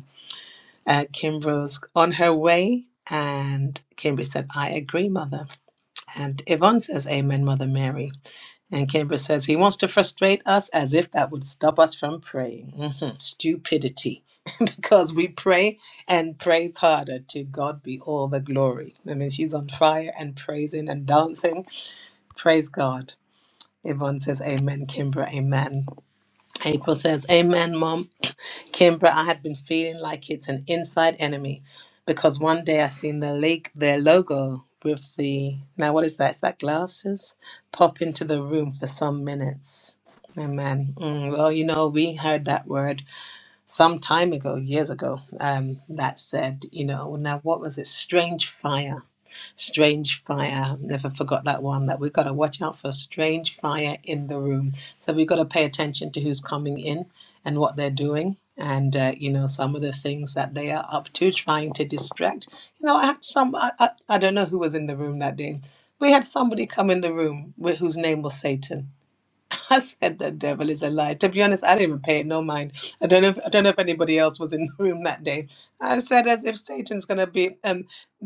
uh, Kim on her way. And Kimber said, I agree, Mother. And Yvonne says, Amen, Mother Mary. And Kimber says, He wants to frustrate us as if that would stop us from praying. Mhm, Stupidity. Because we pray and praise harder. To God be all the glory. I mean, she's on fire and praising and dancing. Praise God. Yvonne says, Amen, Kimber, Amen. April says, Amen, Mom. Kimbra, I had been feeling like it's an inside enemy because one day I seen the leg, their logo with the now what is that? Is that glasses? Pop into the room for some minutes. Amen. Mm, well, you know, we heard that word some time ago, years ago. Um, that said, you know, now what was it? Strange fire Strange Fire. Never forgot that one. That we've got to watch out for strange fire in the room. So we've got to pay attention to who's coming in and what they're doing. And uh, you know some of the things that they are up to, trying to distract. You know, I had some. I, I, I don't know who was in the room that day. We had somebody come in the room with, whose name was Satan I said the devil is a lie. To be honest, I didn't even pay it no mind. I don't know. If, I don't know if anybody else was in the room that day. I said as if Satan's going to be um,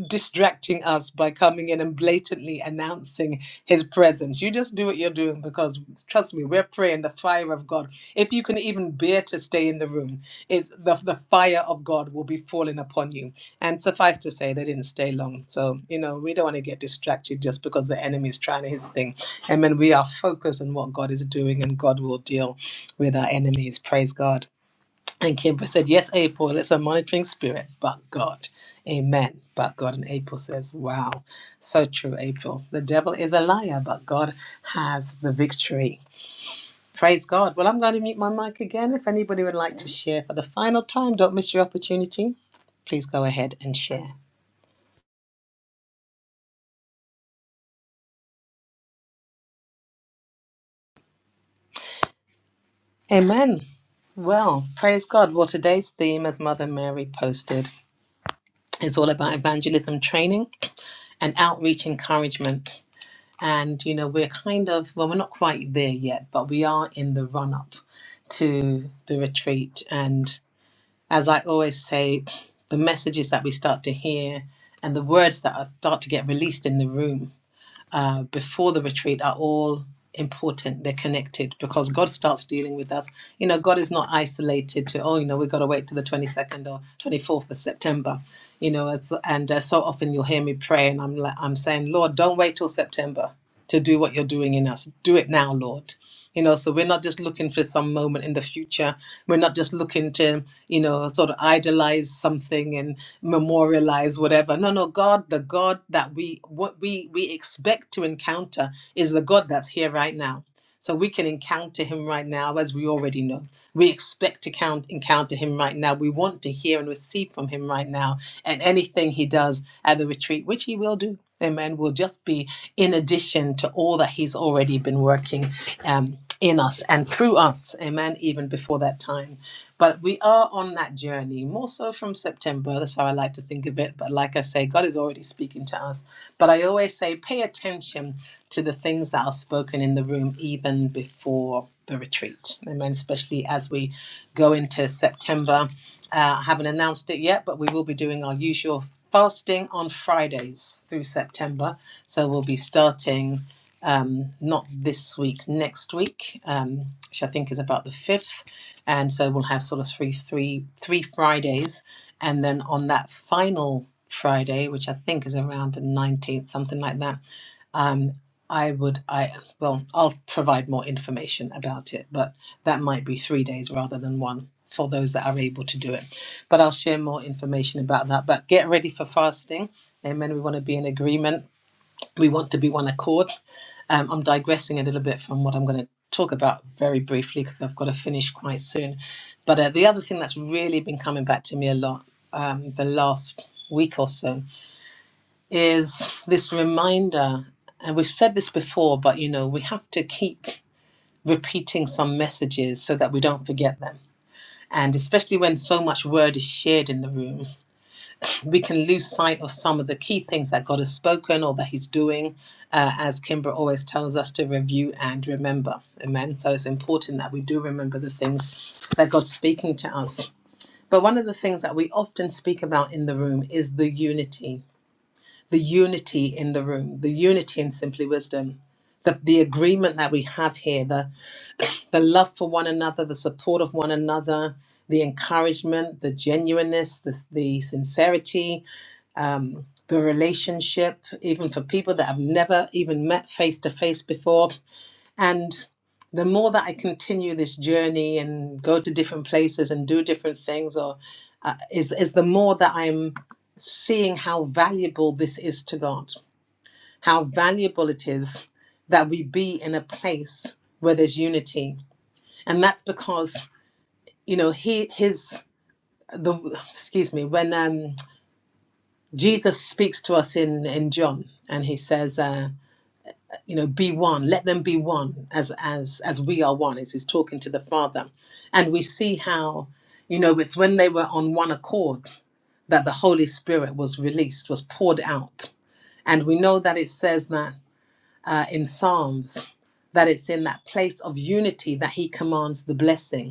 distracting us by coming in and blatantly announcing his presence. You just do what you're doing because trust me, we're praying the fire of God. If you can even bear to stay in the room, it's the the fire of God will be falling upon you. And suffice to say, they didn't stay long. So you know we don't want to get distracted just because the enemy is trying his thing Amen. We are focused on what God is doing, and God will deal with our enemies. Praise God. And Kimber said, Yes, April, it's a monitoring spirit, but God. Amen. But God. And April says, Wow. So true, April. The devil is a liar, but God has the victory. Praise God. Well, I'm going to mute my mic again. If anybody would like to share for the final time, don't miss your opportunity. Please go ahead and share. Amen. Well, praise God. Well, today's theme, as Mother Mary posted, It's all about evangelism training and outreach encouragement. And, you know, we're kind of, well, we're not quite there yet, but we are in the run up to the retreat. And as I always say, the messages that we start to hear and the words that are, start to get released in the room uh, before the retreat are all important. They're connected because God starts dealing with us. You know, God is not isolated to, oh, you know, we've got to wait till the 22nd or 24th of September. You know, as, and uh, so often you'll hear me pray and I'm, like, I'm saying, Lord, don't wait till September to do what you're doing in us. Do it now, Lord. You know, so we're not just looking for some moment in the future. We're not just looking to, you know, sort of idolize something and memorialize whatever no no god the god that we what we we expect to encounter is the god that's here right now so we can encounter him right now as we already know we expect to count encounter him right now we want to hear and receive from him right now and anything he does at the retreat which he will do amen will just be in addition to all that he's already been working um, in us and through us amen even before that time but we are on that journey, more so from September. That's how I like to think of it. But like I say, God is already speaking to us. But I always say, pay attention to the things that are spoken in the room even before the retreat. Amen. Especially as we go into September. Uh, I haven't announced it yet, but we will be doing our usual fasting on Fridays through September. So we'll be starting um, not this week, next week, um, which I think is about the 5th and so we'll have sort of three three three fridays and then on that final friday which i think is around the 19th something like that um i would i well i'll provide more information about it but that might be three days rather than one for those that are able to do it but i'll share more information about that but get ready for fasting amen we want to be in agreement we want to be one accord. Um, I'm digressing a little bit from what I'm going to talk about very briefly because I've got to finish quite soon. But uh, the other thing that's really been coming back to me a lot um, the last week or so is this reminder, and we've said this before, but you know, we have to keep repeating some messages so that we don't forget them. And especially when so much word is shared in the room, we can lose sight of some of the key things that God has spoken or that He's doing, uh, as Kimbra always tells us to review and remember. Amen. So it's important that we do remember the things that God's speaking to us. But one of the things that we often speak about in the room is the unity, the unity in the room, the unity in simply wisdom. The, the agreement that we have here, the, the love for one another, the support of one another, the encouragement, the genuineness, the, the sincerity, um, the relationship, even for people that I've never even met face to face before. And the more that I continue this journey and go to different places and do different things, or uh, is is the more that I'm seeing how valuable this is to God, how valuable it is that we be in a place where there's unity, and that's because you know He His the excuse me when um Jesus speaks to us in in John, and he says, uh, you know, be one. Let them be one, as as as we are one. As he's talking to the Father, and we see how, you know, it's when they were on one accord that the Holy Spirit was released, was poured out, and we know that it says that uh, in Psalms that it's in that place of unity that He commands the blessing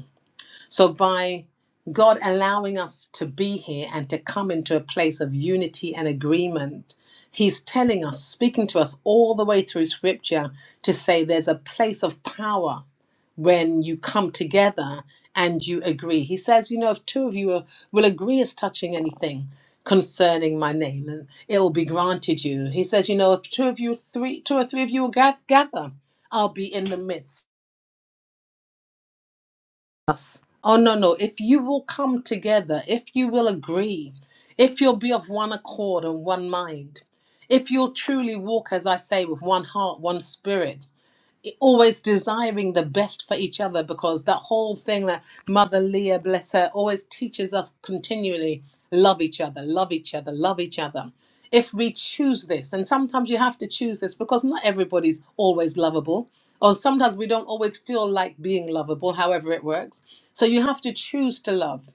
so, by God allowing us to be here and to come into a place of unity and agreement, He's telling us, speaking to us all the way through Scripture, to say there's a place of power when you come together and you agree. He says, you know, if two of you are, will agree as touching anything concerning my name, and it will be granted you. He says, you know, if two of you, three, two or three of you will gath- gather, I'll be in the midst us. Oh, no, no. If you will come together, if you will agree, if you'll be of one accord and one mind, if you'll truly walk, as I say, with one heart, one spirit, always desiring the best for each other because that whole thing that Mother Leah, bless her, always teaches us continually love each other, love each other, love each other. If we choose this, and sometimes you have to choose this because not everybody's always lovable, or sometimes we don't always feel like being lovable, however it works. So you have to choose to love.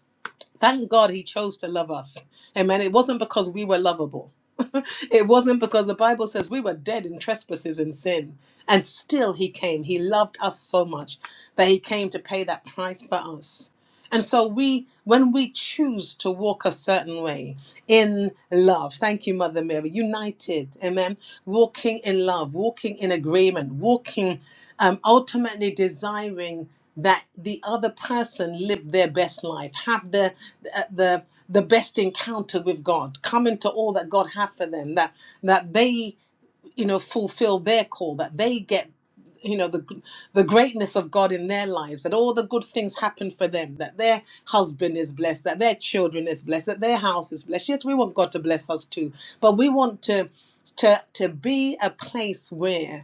Thank God he chose to love us. Amen. It wasn't because we were lovable. it wasn't because the Bible says we were dead in trespasses and sin. And still he came. He loved us so much that he came to pay that price for us. And so we when we choose to walk a certain way, in love. Thank you, Mother Mary. United, amen. Walking in love, walking in agreement, walking, um, ultimately desiring that the other person live their best life, have the the the the best encounter with God, come into all that God have for them, that that they you know fulfill their call that they get you know the the greatness of God in their lives that all the good things happen for them that their husband is blessed that their children is blessed that their house is blessed yes we want God to bless us too but we want to to to be a place where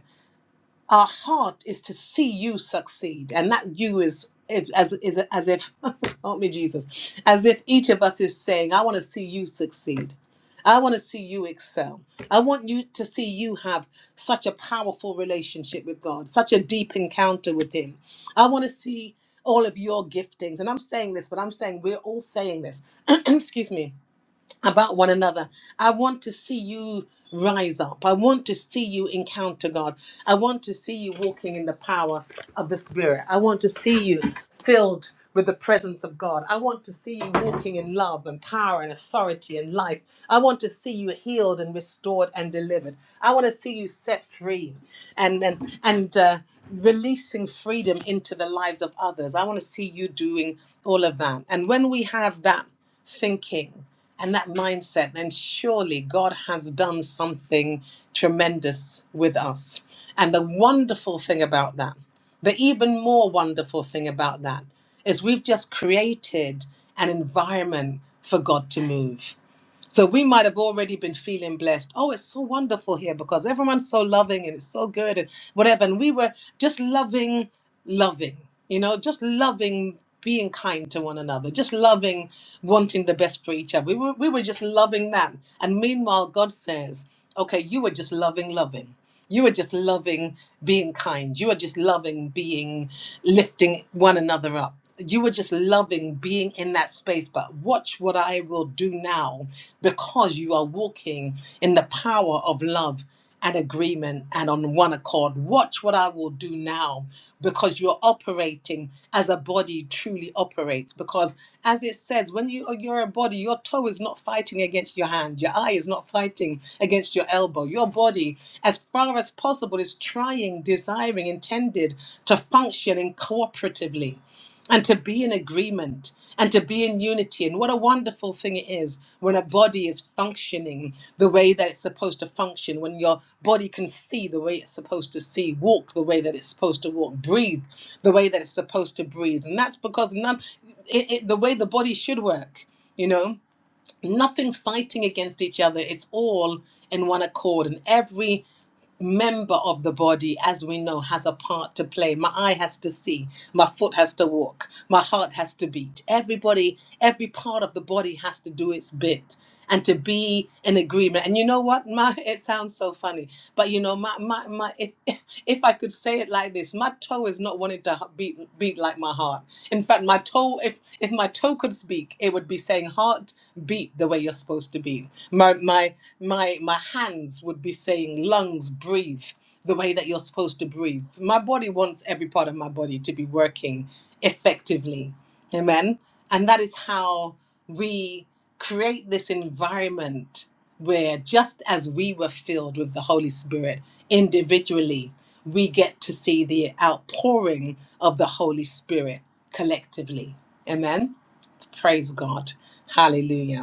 our heart is to see you succeed and that you is if- as is as if help me jesus as if each of us is saying i want to see you succeed i want to see you excel i want you to see you have such a powerful relationship with god such a deep encounter with him i want to see all of your giftings and i'm saying this but i'm saying we're all saying this excuse me about one another. I want to see you rise up. I want to see you encounter God. I want to see you walking in the power of the Spirit. I want to see you filled with the presence of God. I want to see you walking in love and power and authority and life. I want to see you healed and restored and delivered. I want to see you set free and and, and uh, releasing freedom into the lives of others. I want to see you doing all of that. And when we have that thinking and that mindset, then surely God has done something tremendous with us. And the wonderful thing about that, the even more wonderful thing about that, is we've just created an environment for God to move so we might have already been feeling blessed. Oh, it's so wonderful here because everyone's so loving and it's so good and whatever. And we were just loving, loving, you know, just loving being kind to one another, just loving wanting the best for each other. We were, we were just loving that. And meanwhile, God says, okay, you were just loving, loving. You are just loving being kind. You are just loving being lifting one another up. You were just loving being in that space, but watch what I will do now because you are walking in the power of love and agreement and on one accord. Watch what I will do now because you're operating as a body truly operates. Because as it says, when you you're a body, your toe is not fighting against your hand, your eye is not fighting against your elbow. Your body, as far as possible, is trying, desiring, intended to function in cooperatively and to be in agreement and to be in unity. And what a wonderful thing it is when a body is functioning the way that it's supposed to function, when your body can see the way it's supposed to see, walk the way that it's supposed to walk, breathe the way that it's supposed to breathe. And that's because none, it, it, the way the body should work, you know, nothing's fighting against each other. It's all in one accord and every member of the body, as we know, has a part to play. My eye has to see, my foot has to walk, my heart has to beat. Everybody, every part of the body has to do its bit and to be in agreement. And you know what? My it sounds so funny, but you know, my my, my if, if I could say it like this, my toe is not wanting to beat beat like my heart. In fact, my toe, if if my toe could speak, it would be saying heart beat the way you're supposed to be. My my my my hands would be saying lungs breathe the way that you're supposed to breathe my body wants every part of my body to be working effectively amen and that is how we create this environment where just as we were filled with the holy spirit individually we get to see the outpouring of the holy spirit collectively amen praise god hallelujah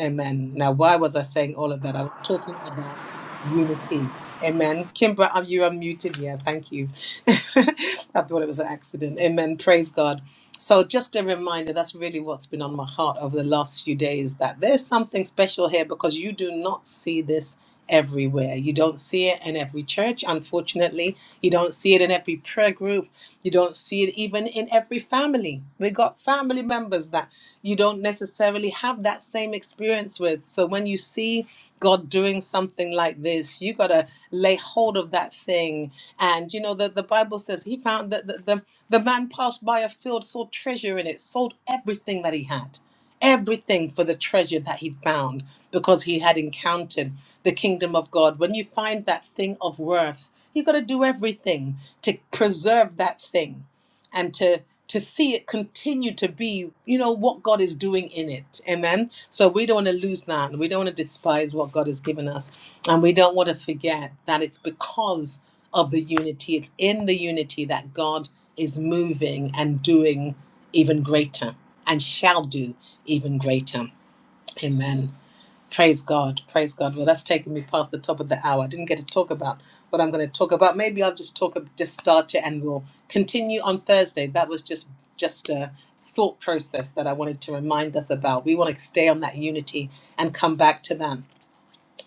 Amen. Now, why was I saying all of that? I was talking about unity. Amen. Kimber, are you unmuted? Yeah, thank you. I thought it was an accident. Amen. Praise God. So, just a reminder that's really what's been on my heart over the last few days that there's something special here because you do not see this everywhere. You don't see it in every church, unfortunately. You don't see it in every prayer group. You don't see it even in every family. We got family members that you don't necessarily have that same experience with. So when you see God doing something like this, you got to lay hold of that thing. And you know, the, the Bible says he found that the, the, the man passed by a field, saw treasure in it, sold everything that he had, everything for the treasure that he found because he had encountered the kingdom of God. When you find that thing of worth, you got to do everything to preserve that thing and to to see it continue to be, you know, what God is doing in it. Amen. So we don't want to lose that. We don't want to despise what God has given us. And we don't want to forget that it's because of the unity, it's in the unity that God is moving and doing even greater and shall do even greater. Amen. Praise God. Praise God. Well, that's taken me past the top of the hour. I didn't get to talk about what I'm going to talk about. Maybe I'll just talk, just start it and we'll continue on Thursday. That was just, just a thought process that I wanted to remind us about. We want to stay on that unity and come back to that.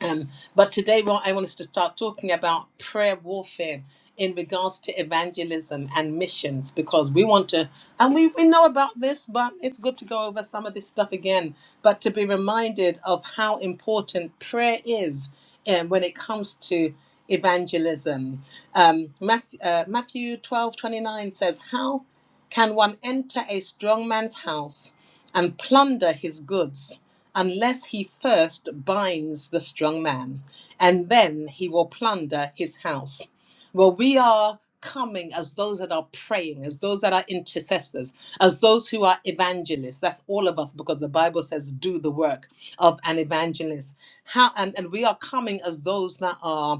Um, but today, what I want us to start talking about prayer warfare in regards to evangelism and missions, because we want to, and we, we know about this, but it's good to go over some of this stuff again, but to be reminded of how important prayer is um, when it comes to evangelism. Um, Matthew, uh, Matthew 12 twenty nine says, How can one enter a strong man's house and plunder his goods? unless he first binds the strong man, and then he will plunder his house. Well, we are coming as those that are praying, as those that are intercessors, as those who are evangelists. That's all of us because the Bible says, do the work of an evangelist. How and, and we are coming as those that are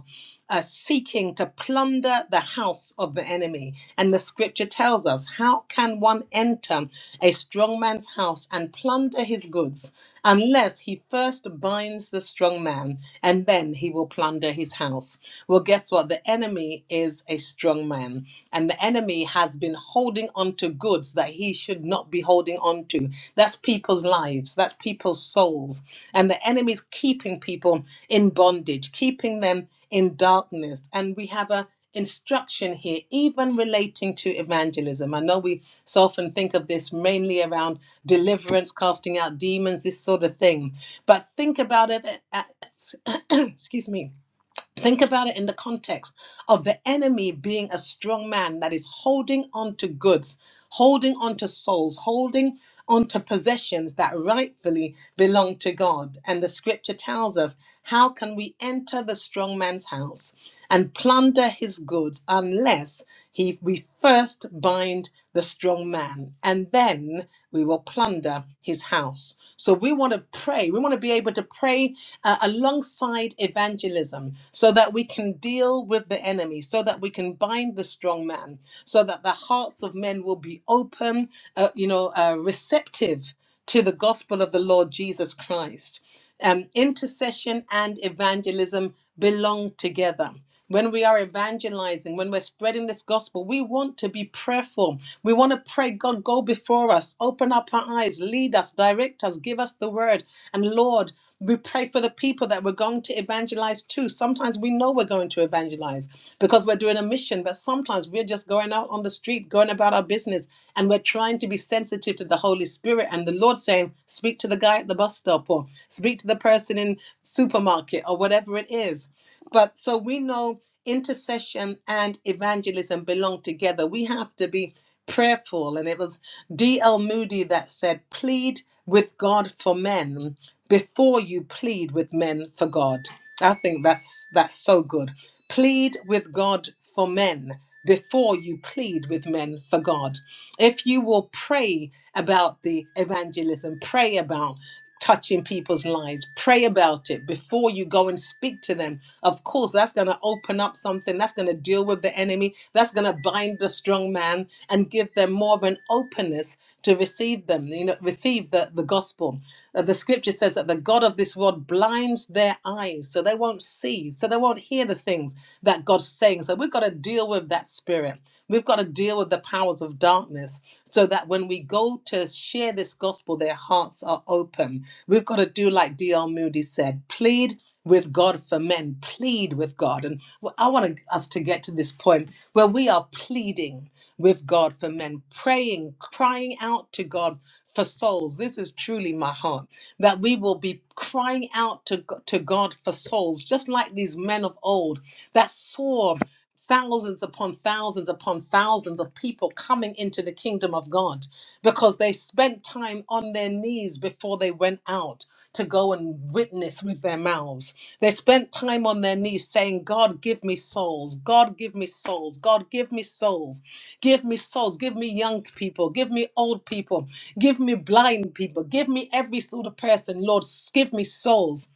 uh, seeking to plunder the house of the enemy. And the scripture tells us how can one enter a strong man's house and plunder his goods unless he first binds the strong man and then he will plunder his house? Well, guess what? The enemy is a strong man, and the enemy has been holding on to goods that he should not be holding on to. That's people's lives, that's people's souls. And the enemy's keeping people in bondage, keeping them in darkness. And we have a instruction here, even relating to evangelism. I know we so often think of this mainly around deliverance, casting out demons, this sort of thing. But think about it, at, at, excuse me, Think about it in the context of the enemy being a strong man that is holding on to goods, holding on to souls, holding on to possessions that rightfully belong to God. And the scripture tells us how can we enter the strong man's house and plunder his goods unless he, we first bind the strong man and then we will plunder his house. So we want to pray. We want to be able to pray uh, alongside evangelism so that we can deal with the enemy, so that we can bind the strong man, so that the hearts of men will be open, uh, you know, uh, receptive to the gospel of the Lord Jesus Christ. Um, intercession and evangelism belong together. When we are evangelizing, when we're spreading this gospel, we want to be prayerful. We want to pray, God, go before us, open up our eyes, lead us, direct us, give us the word. And Lord, pray for the people that we're going to evangelize to. Sometimes we know we're going to evangelize because we're doing a mission, but sometimes we're just going out on the street, going about our business, and we're trying to be sensitive to the Holy Spirit and the Lord saying, speak to the guy at the bus stop or speak to the person in supermarket or whatever it is. But so we know intercession and evangelism belong together. We have to be prayerful. And it was D.L. Moody that said, plead with God for men before you plead with men for God. I think that's that's so good. Plead with God for men before you plead with men for God. If you will pray about the evangelism, pray about touching people's lives, pray about it before you go and speak to them. Of course, that's going to open up something, that's going to deal with the enemy, that's going to bind the strong man and give them more of an openness to receive them, you know, receive the, the gospel. Uh, the scripture says that the God of this world blinds their eyes so they won't see, so they won't hear the things that God's saying. So we've got to deal with that spirit. We've got to deal with the powers of darkness so that when we go to share this gospel, their hearts are open. We've got to do like D.L. Moody said plead with God for men, plead with God. And I want us to get to this point where we are pleading with God for men, praying, crying out to God for souls. This is truly my heart that we will be crying out to, G- to God for souls, just like these men of old that saw thousands upon thousands upon thousands of people coming into the kingdom of God because they spent time on their knees before they went out to go and witness with their mouths. They spent time on their knees saying, God, give me souls. God, give me souls. God, give me souls. Give me souls. Give me young people. Give me old people Give me blind people. Give me every sort of person, Lord. s- Give me souls.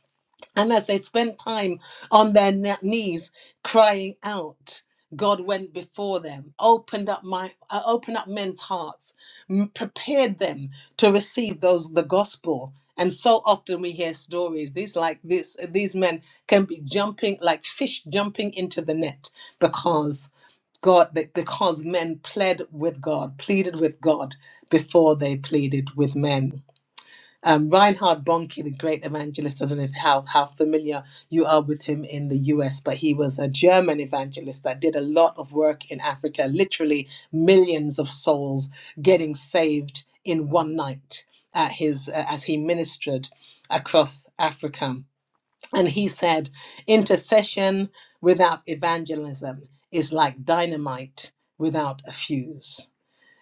And as they spent time on their kn- knees crying out, God went before them, opened up my, uh, opened up men's hearts, m- prepared them to receive those the gospel. And so often we hear stories. These like this, these men can be jumping like fish jumping into the net because. God, because men pled with God, pleaded with God before they pleaded with men. Um, Reinhard Bonnke, the great evangelist, I don't know if how, how familiar you are with him in the US, but he was a German evangelist that did a lot of work in Africa, literally millions of souls getting saved in one night at his uh, as he ministered across Africa and he said, intercession without evangelism is like dynamite without a fuse.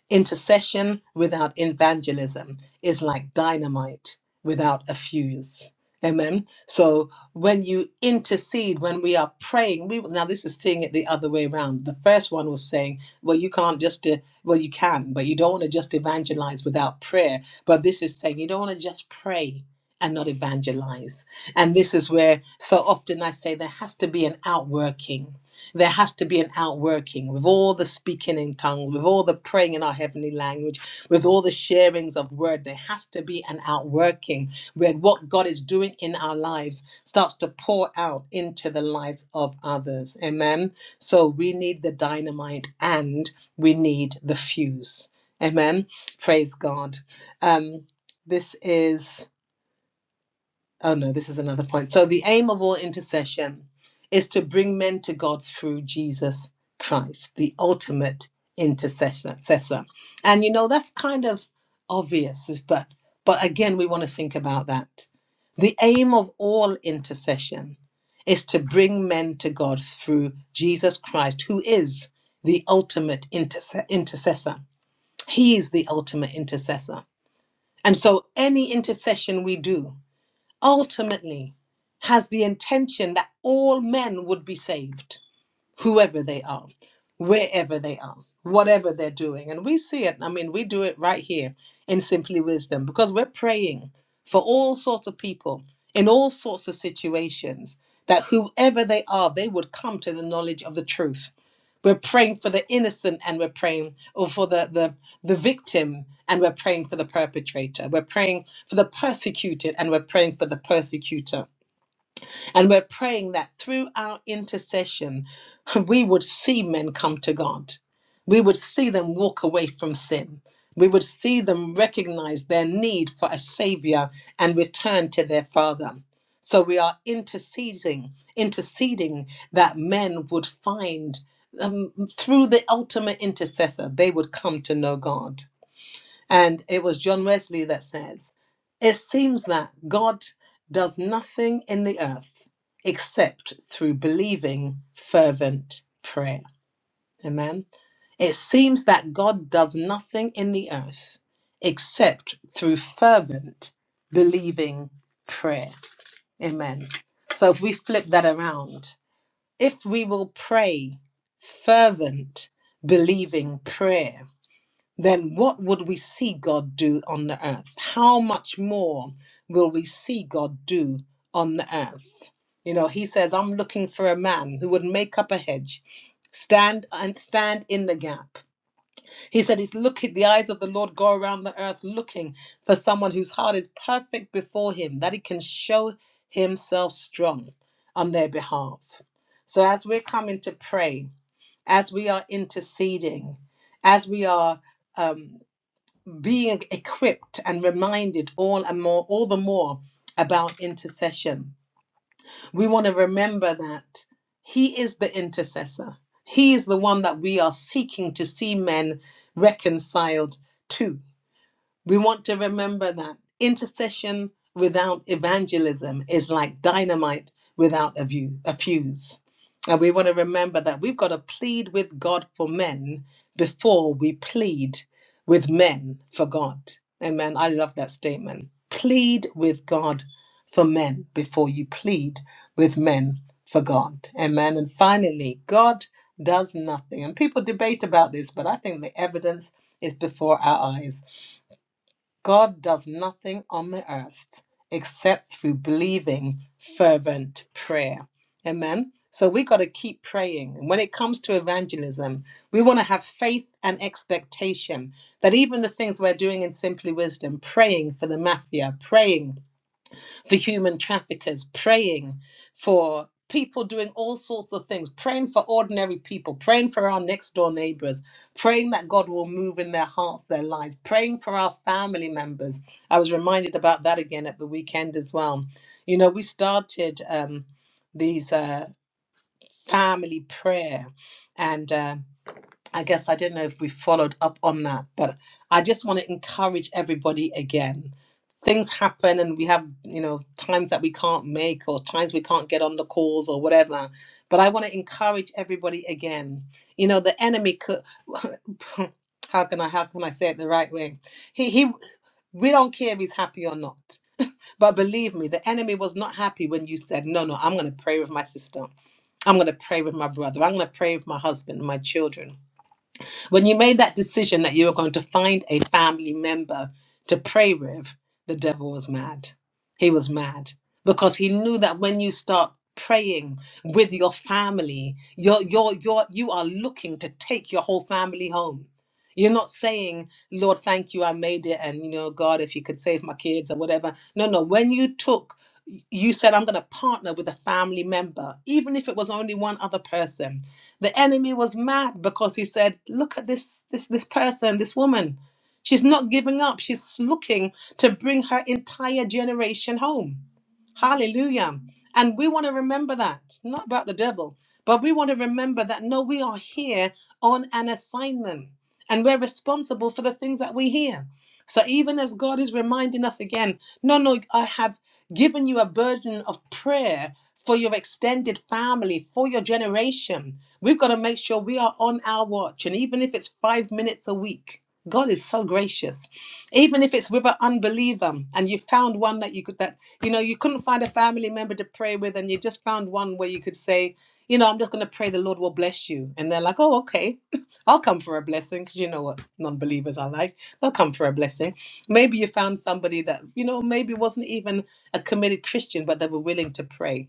Intercession without evangelism is like dynamite without a fuse. Amen. So when you intercede, when we are praying, we now this is seeing it the other way around. The first one was saying, well, you can't just uh, well, you can, but you don't want to just evangelize without prayer. But this is saying you don't want to just pray and not evangelize. And this is where so often I say there has to be an outworking there has to be an outworking with all the speaking in tongues, with all the praying in our heavenly language, with all the sharings of word. There has to be an outworking where what God is doing in our lives starts to pour out into the lives of others. Amen. So we need the dynamite and we need the fuse. Amen. Praise God. Um, this is. Oh no, this is another point. So the aim of all intercession is to bring men to God through Jesus Christ, the ultimate intercessor. And you know that's kind of obvious, but but again we want to think about that. The aim of all intercession is to bring men to God through Jesus Christ, who is the ultimate interse- intercessor. He is the ultimate intercessor. And so any intercession we do ultimately has the intention that all men would be saved whoever they are, wherever they are, whatever they're doing. And we see it. I mean, we do it right here in Simply Wisdom because we're praying for all sorts of people in all sorts of situations that whoever they are, they would come to the knowledge of the truth. We're praying for the innocent and we're praying or for the, the, the victim and we're praying for the perpetrator. We're praying for the persecuted and we're praying for the persecutor and we're praying that through our intercession, we would see men come to God. We would see them walk away from sin. We would see them recognize their need for a savior and return to their father. So we are interceding, interceding that men would find um, through the ultimate intercessor, they would come to know God. And it was John Wesley that says, It seems that God does nothing in the earth except through believing fervent prayer. Amen. It seems that God does nothing in the earth except through fervent believing prayer. Amen. So if we flip that around, if we will pray fervent believing prayer, then what would we see God do on the earth? How much more will we see God do on the earth? You know, he says, I'm looking for a man who would make up a hedge, stand and stand in the gap. He said, He's looking, the eyes of the Lord go around the earth looking for someone whose heart is perfect before him, that he can show himself strong on their behalf. So as we're coming to pray, as we are interceding, as we are um being equipped and reminded all and more all the more about intercession we want to remember that he is the intercessor he is the one that we are seeking to see men reconciled to we want to remember that intercession without evangelism is like dynamite without a, view, a fuse. And we want to remember that we've got to plead with God for men before we plead with men for God. Amen. I love that statement. Plead with God for men before you plead with men for God. Amen. And finally, God does nothing. And people debate about this, but I think the evidence is before our eyes. God does nothing on the earth except through believing fervent prayer. Amen. So we got to keep praying. And when it comes to evangelism, we want to have faith and expectation that even the things we're doing in Simply Wisdom, praying for the mafia, praying for human traffickers, praying for people doing all sorts of things, praying for ordinary people, praying for our next door neighbors, praying that God will move in their hearts, their lives, praying for our family members. I was reminded about that again at the weekend as well. You know, we started um, these uh, family prayer. And um, I guess I don't know if we followed up on that, but I just want to encourage everybody again. Things happen and we have, you know, times that we can't make or times we can't get on the calls or whatever. But I want to encourage everybody again. You know, the enemy could how can I how can I say it the right way? He he we don't care if he's happy or not. But believe me, the enemy was not happy when you said, No, no, I'm gonna pray with my sister. I'm gonna pray with my brother. I'm gonna pray with my husband, my children. When you made that decision that you were going to find a family member to pray with, the devil was mad. He was mad because he knew that when you start praying with your family, you're, you're, you're, you are looking to take your whole family home. You're not saying, Lord, thank you, I made it, and you know, God, if you could save my kids or whatever. No, no. When you took you said, I'm going to partner with a family member, even if it was only one other person. The enemy was mad because he said, "Look at this this this person, this woman. She's not giving up. She's looking to bring her entire generation home." Hallelujah. And we want to remember that, not about the devil, but we want to remember that no, we are here on an assignment and we're responsible for the things that we hear. So even as God is reminding us again, no, no, I have given you a burden of prayer for your extended family, for your generation. We've got to make sure we are on our watch. And even if it's five minutes a week, God is so gracious. Even if it's with an unbeliever and you found one that you could, that, you know, you couldn't find a family member to pray with and you just found one where you could say, you know, I'm just going to pray the Lord will bless you. And they're like, oh, okay, I'll come for a blessing. Because you know what non believers are like. They'll come for a blessing. Maybe you found somebody that, you know, maybe wasn't even a committed Christian, but they were willing to pray.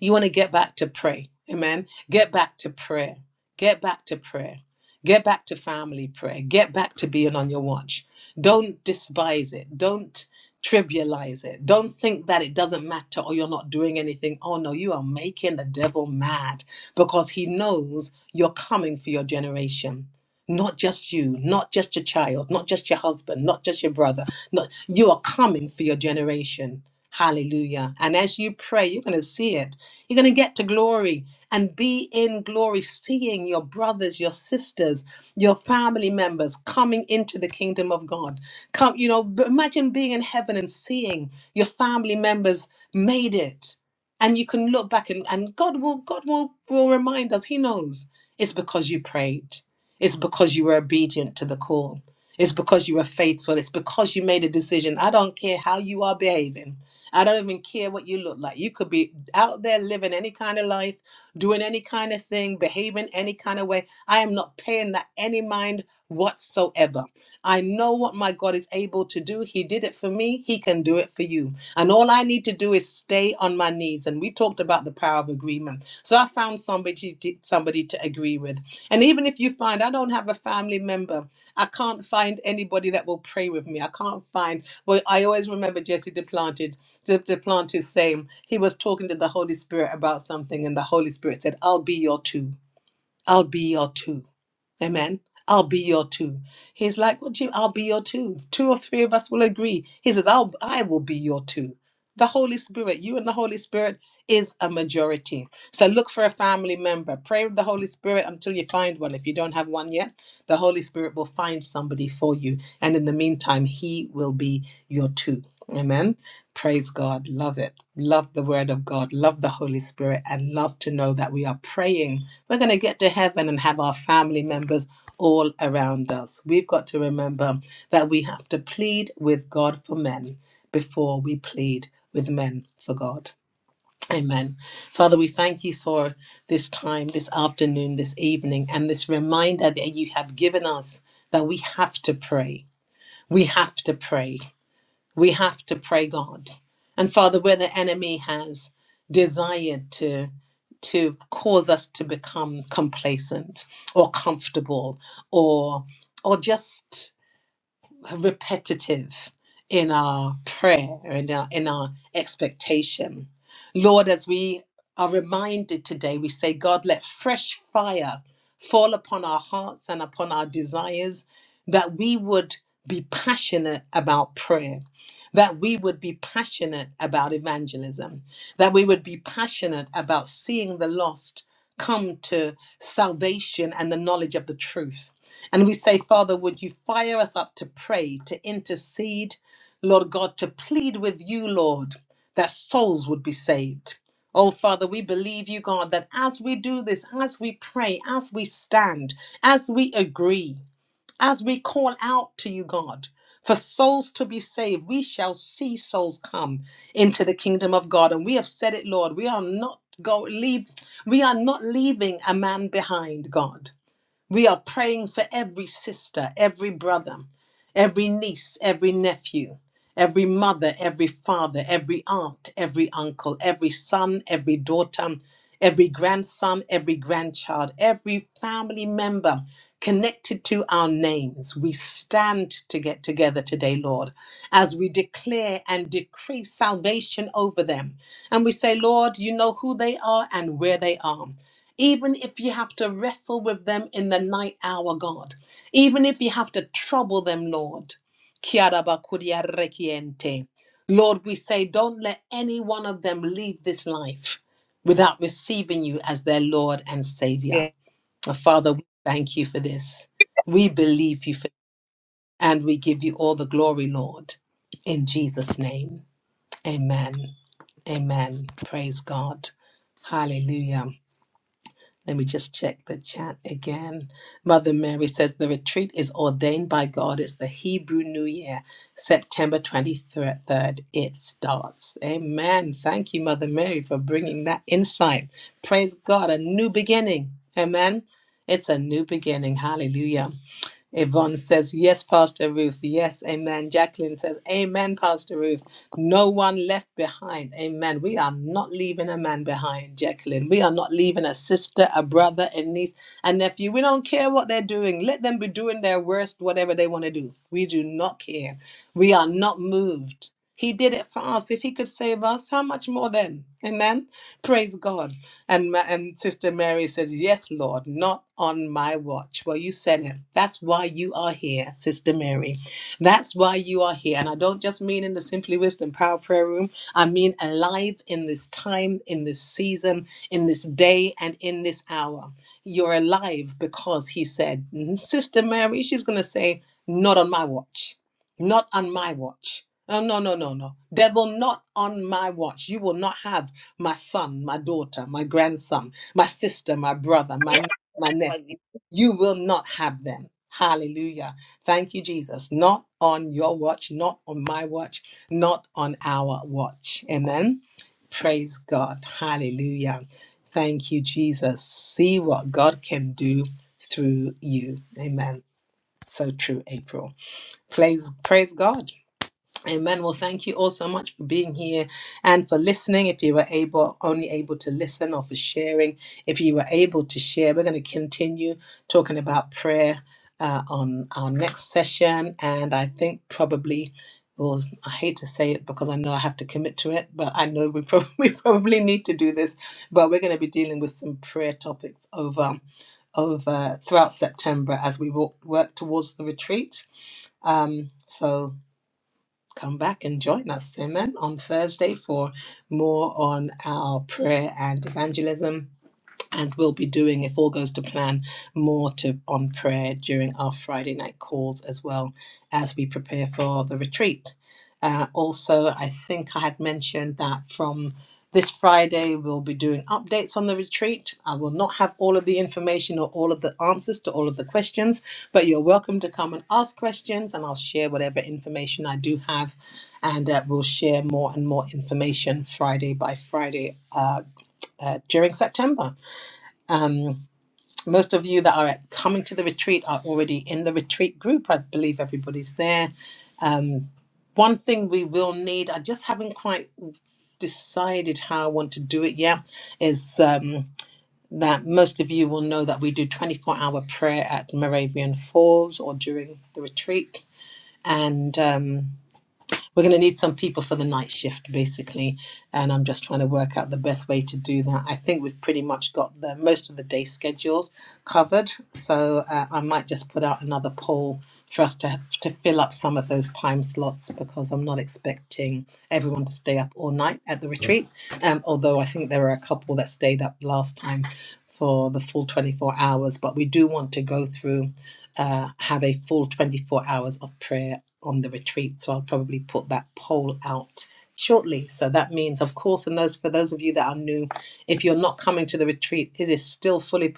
You want to get back to pray. Amen. Get back to prayer. Get back to prayer. Get back to family prayer. Get back to being on your watch. Don't despise it. Don't trivialize it. Don't think that it doesn't matter or you're not doing anything. Oh no, you are making the devil mad because he knows you're coming for your generation. Not just you, not just your child, not just your husband, not just your brother. Not you are coming for your generation. Hallelujah. And as you pray, you're going to see it you're going to get to glory and be in glory, seeing your brothers, your sisters, your family members coming into the kingdom of God. Come, you know, b- imagine being in heaven and seeing your family members made it. And you can look back and, and God will God will, will remind us, He knows. It's because you prayed. It's because you were obedient to the call. It's because you were faithful. It's because you made a decision. I don't care how you are behaving. I don't even care what you look like. You could be out there living any kind of life, doing any kind of thing, behaving any kind of way. I am not paying that any mind whatsoever. I know what my God is able to do. He did it for me, He can do it for you. And all I need to do is stay on my knees. And we talked about the power of agreement. So I found somebody to, somebody to agree with. And even if you find I don't have a family member, I can't find anybody that will pray with me. I can't find, well, I always remember Jesse DePlanted to, to plant Duplantis same. he was talking to the Holy Spirit about something, and the Holy Spirit said, I'll be your two. I'll be your two. Amen. I'll be your two. He's like, well, Jim, I'll be your two. two or three of us will agree, he says, I'll, I will be your two. The Holy Spirit, you and the Holy Spirit is a majority. So look for a family member. Pray with the Holy Spirit until you find one. If you don't have one yet, the Holy Spirit will find somebody for you. And in the meantime, he will be your two. Amen. Praise God. Love it. Love the word of God. Love the Holy Spirit and love to know that we are praying we're going to get to heaven and have our family members all around us. We've got to remember that we have to plead with God for men before we plead with men for God. Amen. Father, we thank you for this time, this afternoon, this evening, and this reminder that you have given us that we have to pray. We have to pray we have to pray god and father where the enemy has desired to to cause us to become complacent or comfortable or or just repetitive in our prayer and our, in our expectation. Lord, as we are reminded today, we say, God, let fresh fire fall upon our hearts and upon our desires, that we would be passionate about prayer, that we would be passionate about evangelism, that we would be passionate about seeing the lost come to salvation and the knowledge of the truth and we say, Father, would you fire us up to pray, to intercede, Lord God, to plead with you, Lord, that souls would be saved. Oh, Father, we believe you, God, that as we do this, as we pray, as we stand, as we agree, as we call out to you, God, for souls to be saved, we shall see souls come into the kingdom of God. And we have said it, Lord, we are not go leave, we are not leaving a man behind, God. We are praying for every sister, every brother, every niece, every nephew, every mother, every father, every aunt, every uncle, every son, every daughter, every grandson, every grandchild, every family member connected to our names. We stand to get together today, Lord, as we declare and decree salvation over them. And we say, Lord, you know who they are and where they are even if you have to wrestle with them in the night hour, God, even if you have to trouble them, Lord. Kiarabakudiarekiente. Lord, we say, don't let any one of them leave this life without receiving you as their Lord and Savior. Yeah. Uh, Father, we thank you for this. We believe you for this, and we give you all the glory, Lord. In Jesus' name, amen. Amen. Praise God. Hallelujah. Let me just check the chat again. Mother Mary says the retreat is ordained by God. It's the Hebrew New Year, September 23rd. It starts. Amen. Thank you, Mother Mary, for bringing that insight. Praise God, a new beginning. Amen. It's a new beginning. Hallelujah. Yvonne says, Yes, Pastor Ruth. Yes, amen. Jacqueline says, Amen, Pastor Ruth. No one left behind. Amen. We are not leaving a man behind, Jacqueline. We are not leaving a sister, a brother, a niece, a nephew. We don't care what they're doing. Let them be doing their worst, whatever they want to do. We do not care. We are not moved. He did it for us. If he could save us, how much more then? Amen. Praise God. And, Ma- and Sister Mary says, Yes, Lord, not on my watch. Well, you said it. That's why you are here, Sister Mary. That's why you are here. And I don't just mean in the Simply Wisdom Power Prayer Room, I mean alive in this time, in this season, in this day, and in this hour. You're alive because he said, "Mm, Sister Mary, she's going to say, Not on my watch. Not on my watch. Oh, no, no, no, no. Devil, not on my watch. You will not have my son, my daughter, my grandson, my sister, my brother, my niece, my nephew. You will not have them. Hallelujah. Thank you, Jesus. Not on your watch, not on my watch, not on our watch. Amen. Praise God. Hallelujah. Thank you, Jesus. See what God can do through you. Amen. So true, April. Praise, praise God. Amen. Well, thank you all so much for being here and for listening. If you were able, only able to listen or for sharing, if you were able to share, we're going to continue talking about prayer uh, on our next session. And I think probably, well, I hate to say it because I know I have to commit to it, but I know we probably, we probably need to do this. But we're going to be dealing with some prayer topics over over throughout September as we work, work towards the retreat. Um, so come back and join us, amen, on Thursday for more on our prayer and evangelism and we'll be doing, if all goes to plan, more to on prayer during our Friday night calls as well as we prepare for the retreat. Uh, also, I think I had mentioned that from this Friday we'll be doing updates on the retreat. I will not have all of the information or all of the answers to all of the questions, but you're welcome to come and ask questions, and I'll share whatever information I do have, and uh, we'll share more and more information Friday by Friday uh, uh, during September. Um, most of you that are at- coming to the retreat are already in the retreat group. I believe everybody's there. Um, one thing we will need, I just haven't quite decided how I want to do it yet, is um, that most of you will know that we do 24 hour prayer at Moravian Falls or during the retreat. And um, we're going to need some people for the night shift, basically. And I'm just trying to work out the best way to do that. I think we've pretty much got the most of the day schedules covered. So uh, I might just put out another poll for us to, to fill up some of those time slots because I'm not expecting everyone to stay up all night at the retreat. Um, although I think there were a couple that stayed up last time for the full 24 hours, but we do want to go through uh, have a full 24 hours of prayer on the retreat. So I'll probably put that poll out shortly. So that means, of course, and those for those of you that are new, if you're not coming to the retreat, it is still fully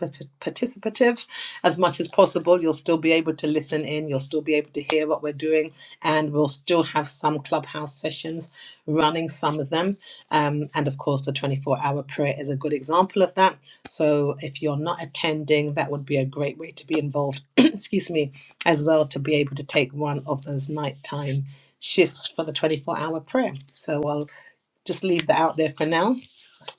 participative as much as possible. You'll still be able to listen in, you'll still be able to hear what we're doing, and we'll still have some clubhouse sessions running, some of them. Um, and of course, the 24 hour prayer is a good example of that. So if you're not attending, that would be a great way to be involved excuse me, as well to be able to take one of those nighttime shifts for the 24 hour prayer. So I'll just leave that out there for now,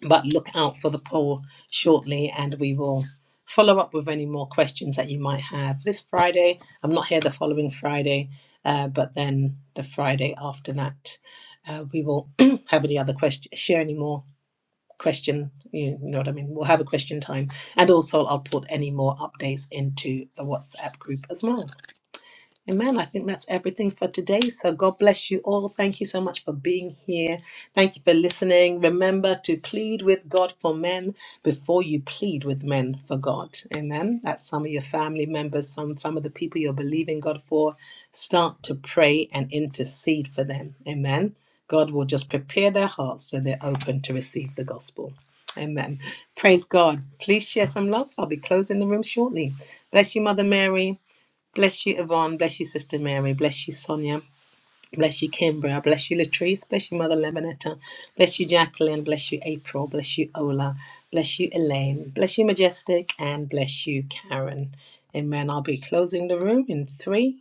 but look out for the poll shortly and we will follow up with any more questions that you might have this Friday. I'm not here the following Friday, uh, but then the Friday after that, uh, we will have any other question, share any more question, you you know what I mean? We'll have a question time and also I'll put any more updates into the WhatsApp group as well. Amen. I think that's everything for today. So God bless you all. Thank you so much for being here. Thank you for listening. Remember to plead with God for men before you plead with men for God. Amen. That's some of your family members, some some of the people you're believing God for. Start to pray and intercede for them. Amen. God will just prepare their hearts so they're open to receive the gospel. Amen. Praise God. Please share some love. I'll be closing the room shortly. Bless you, Mother Mary. Bless you, Yvonne. Bless you, Sister Mary. Bless you, Sonia. Bless you, Kimbra. Bless you, Latrice. Bless you, Mother Lemonetta. Bless you, Jacqueline. Bless you, April. Bless you, Ola. Bless you, Elaine. Bless you, Majestic. And bless you, Karen. Amen. I'll be closing the room in three.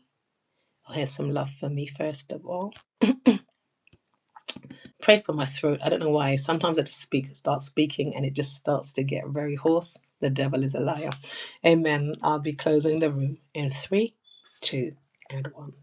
I'll hear some love for me first of all. Pray for my throat. I don't know why. Sometimes I just speak, start speaking, and it just starts to get very hoarse. The devil is a liar. Amen. I'll be closing the room in three, two, and one.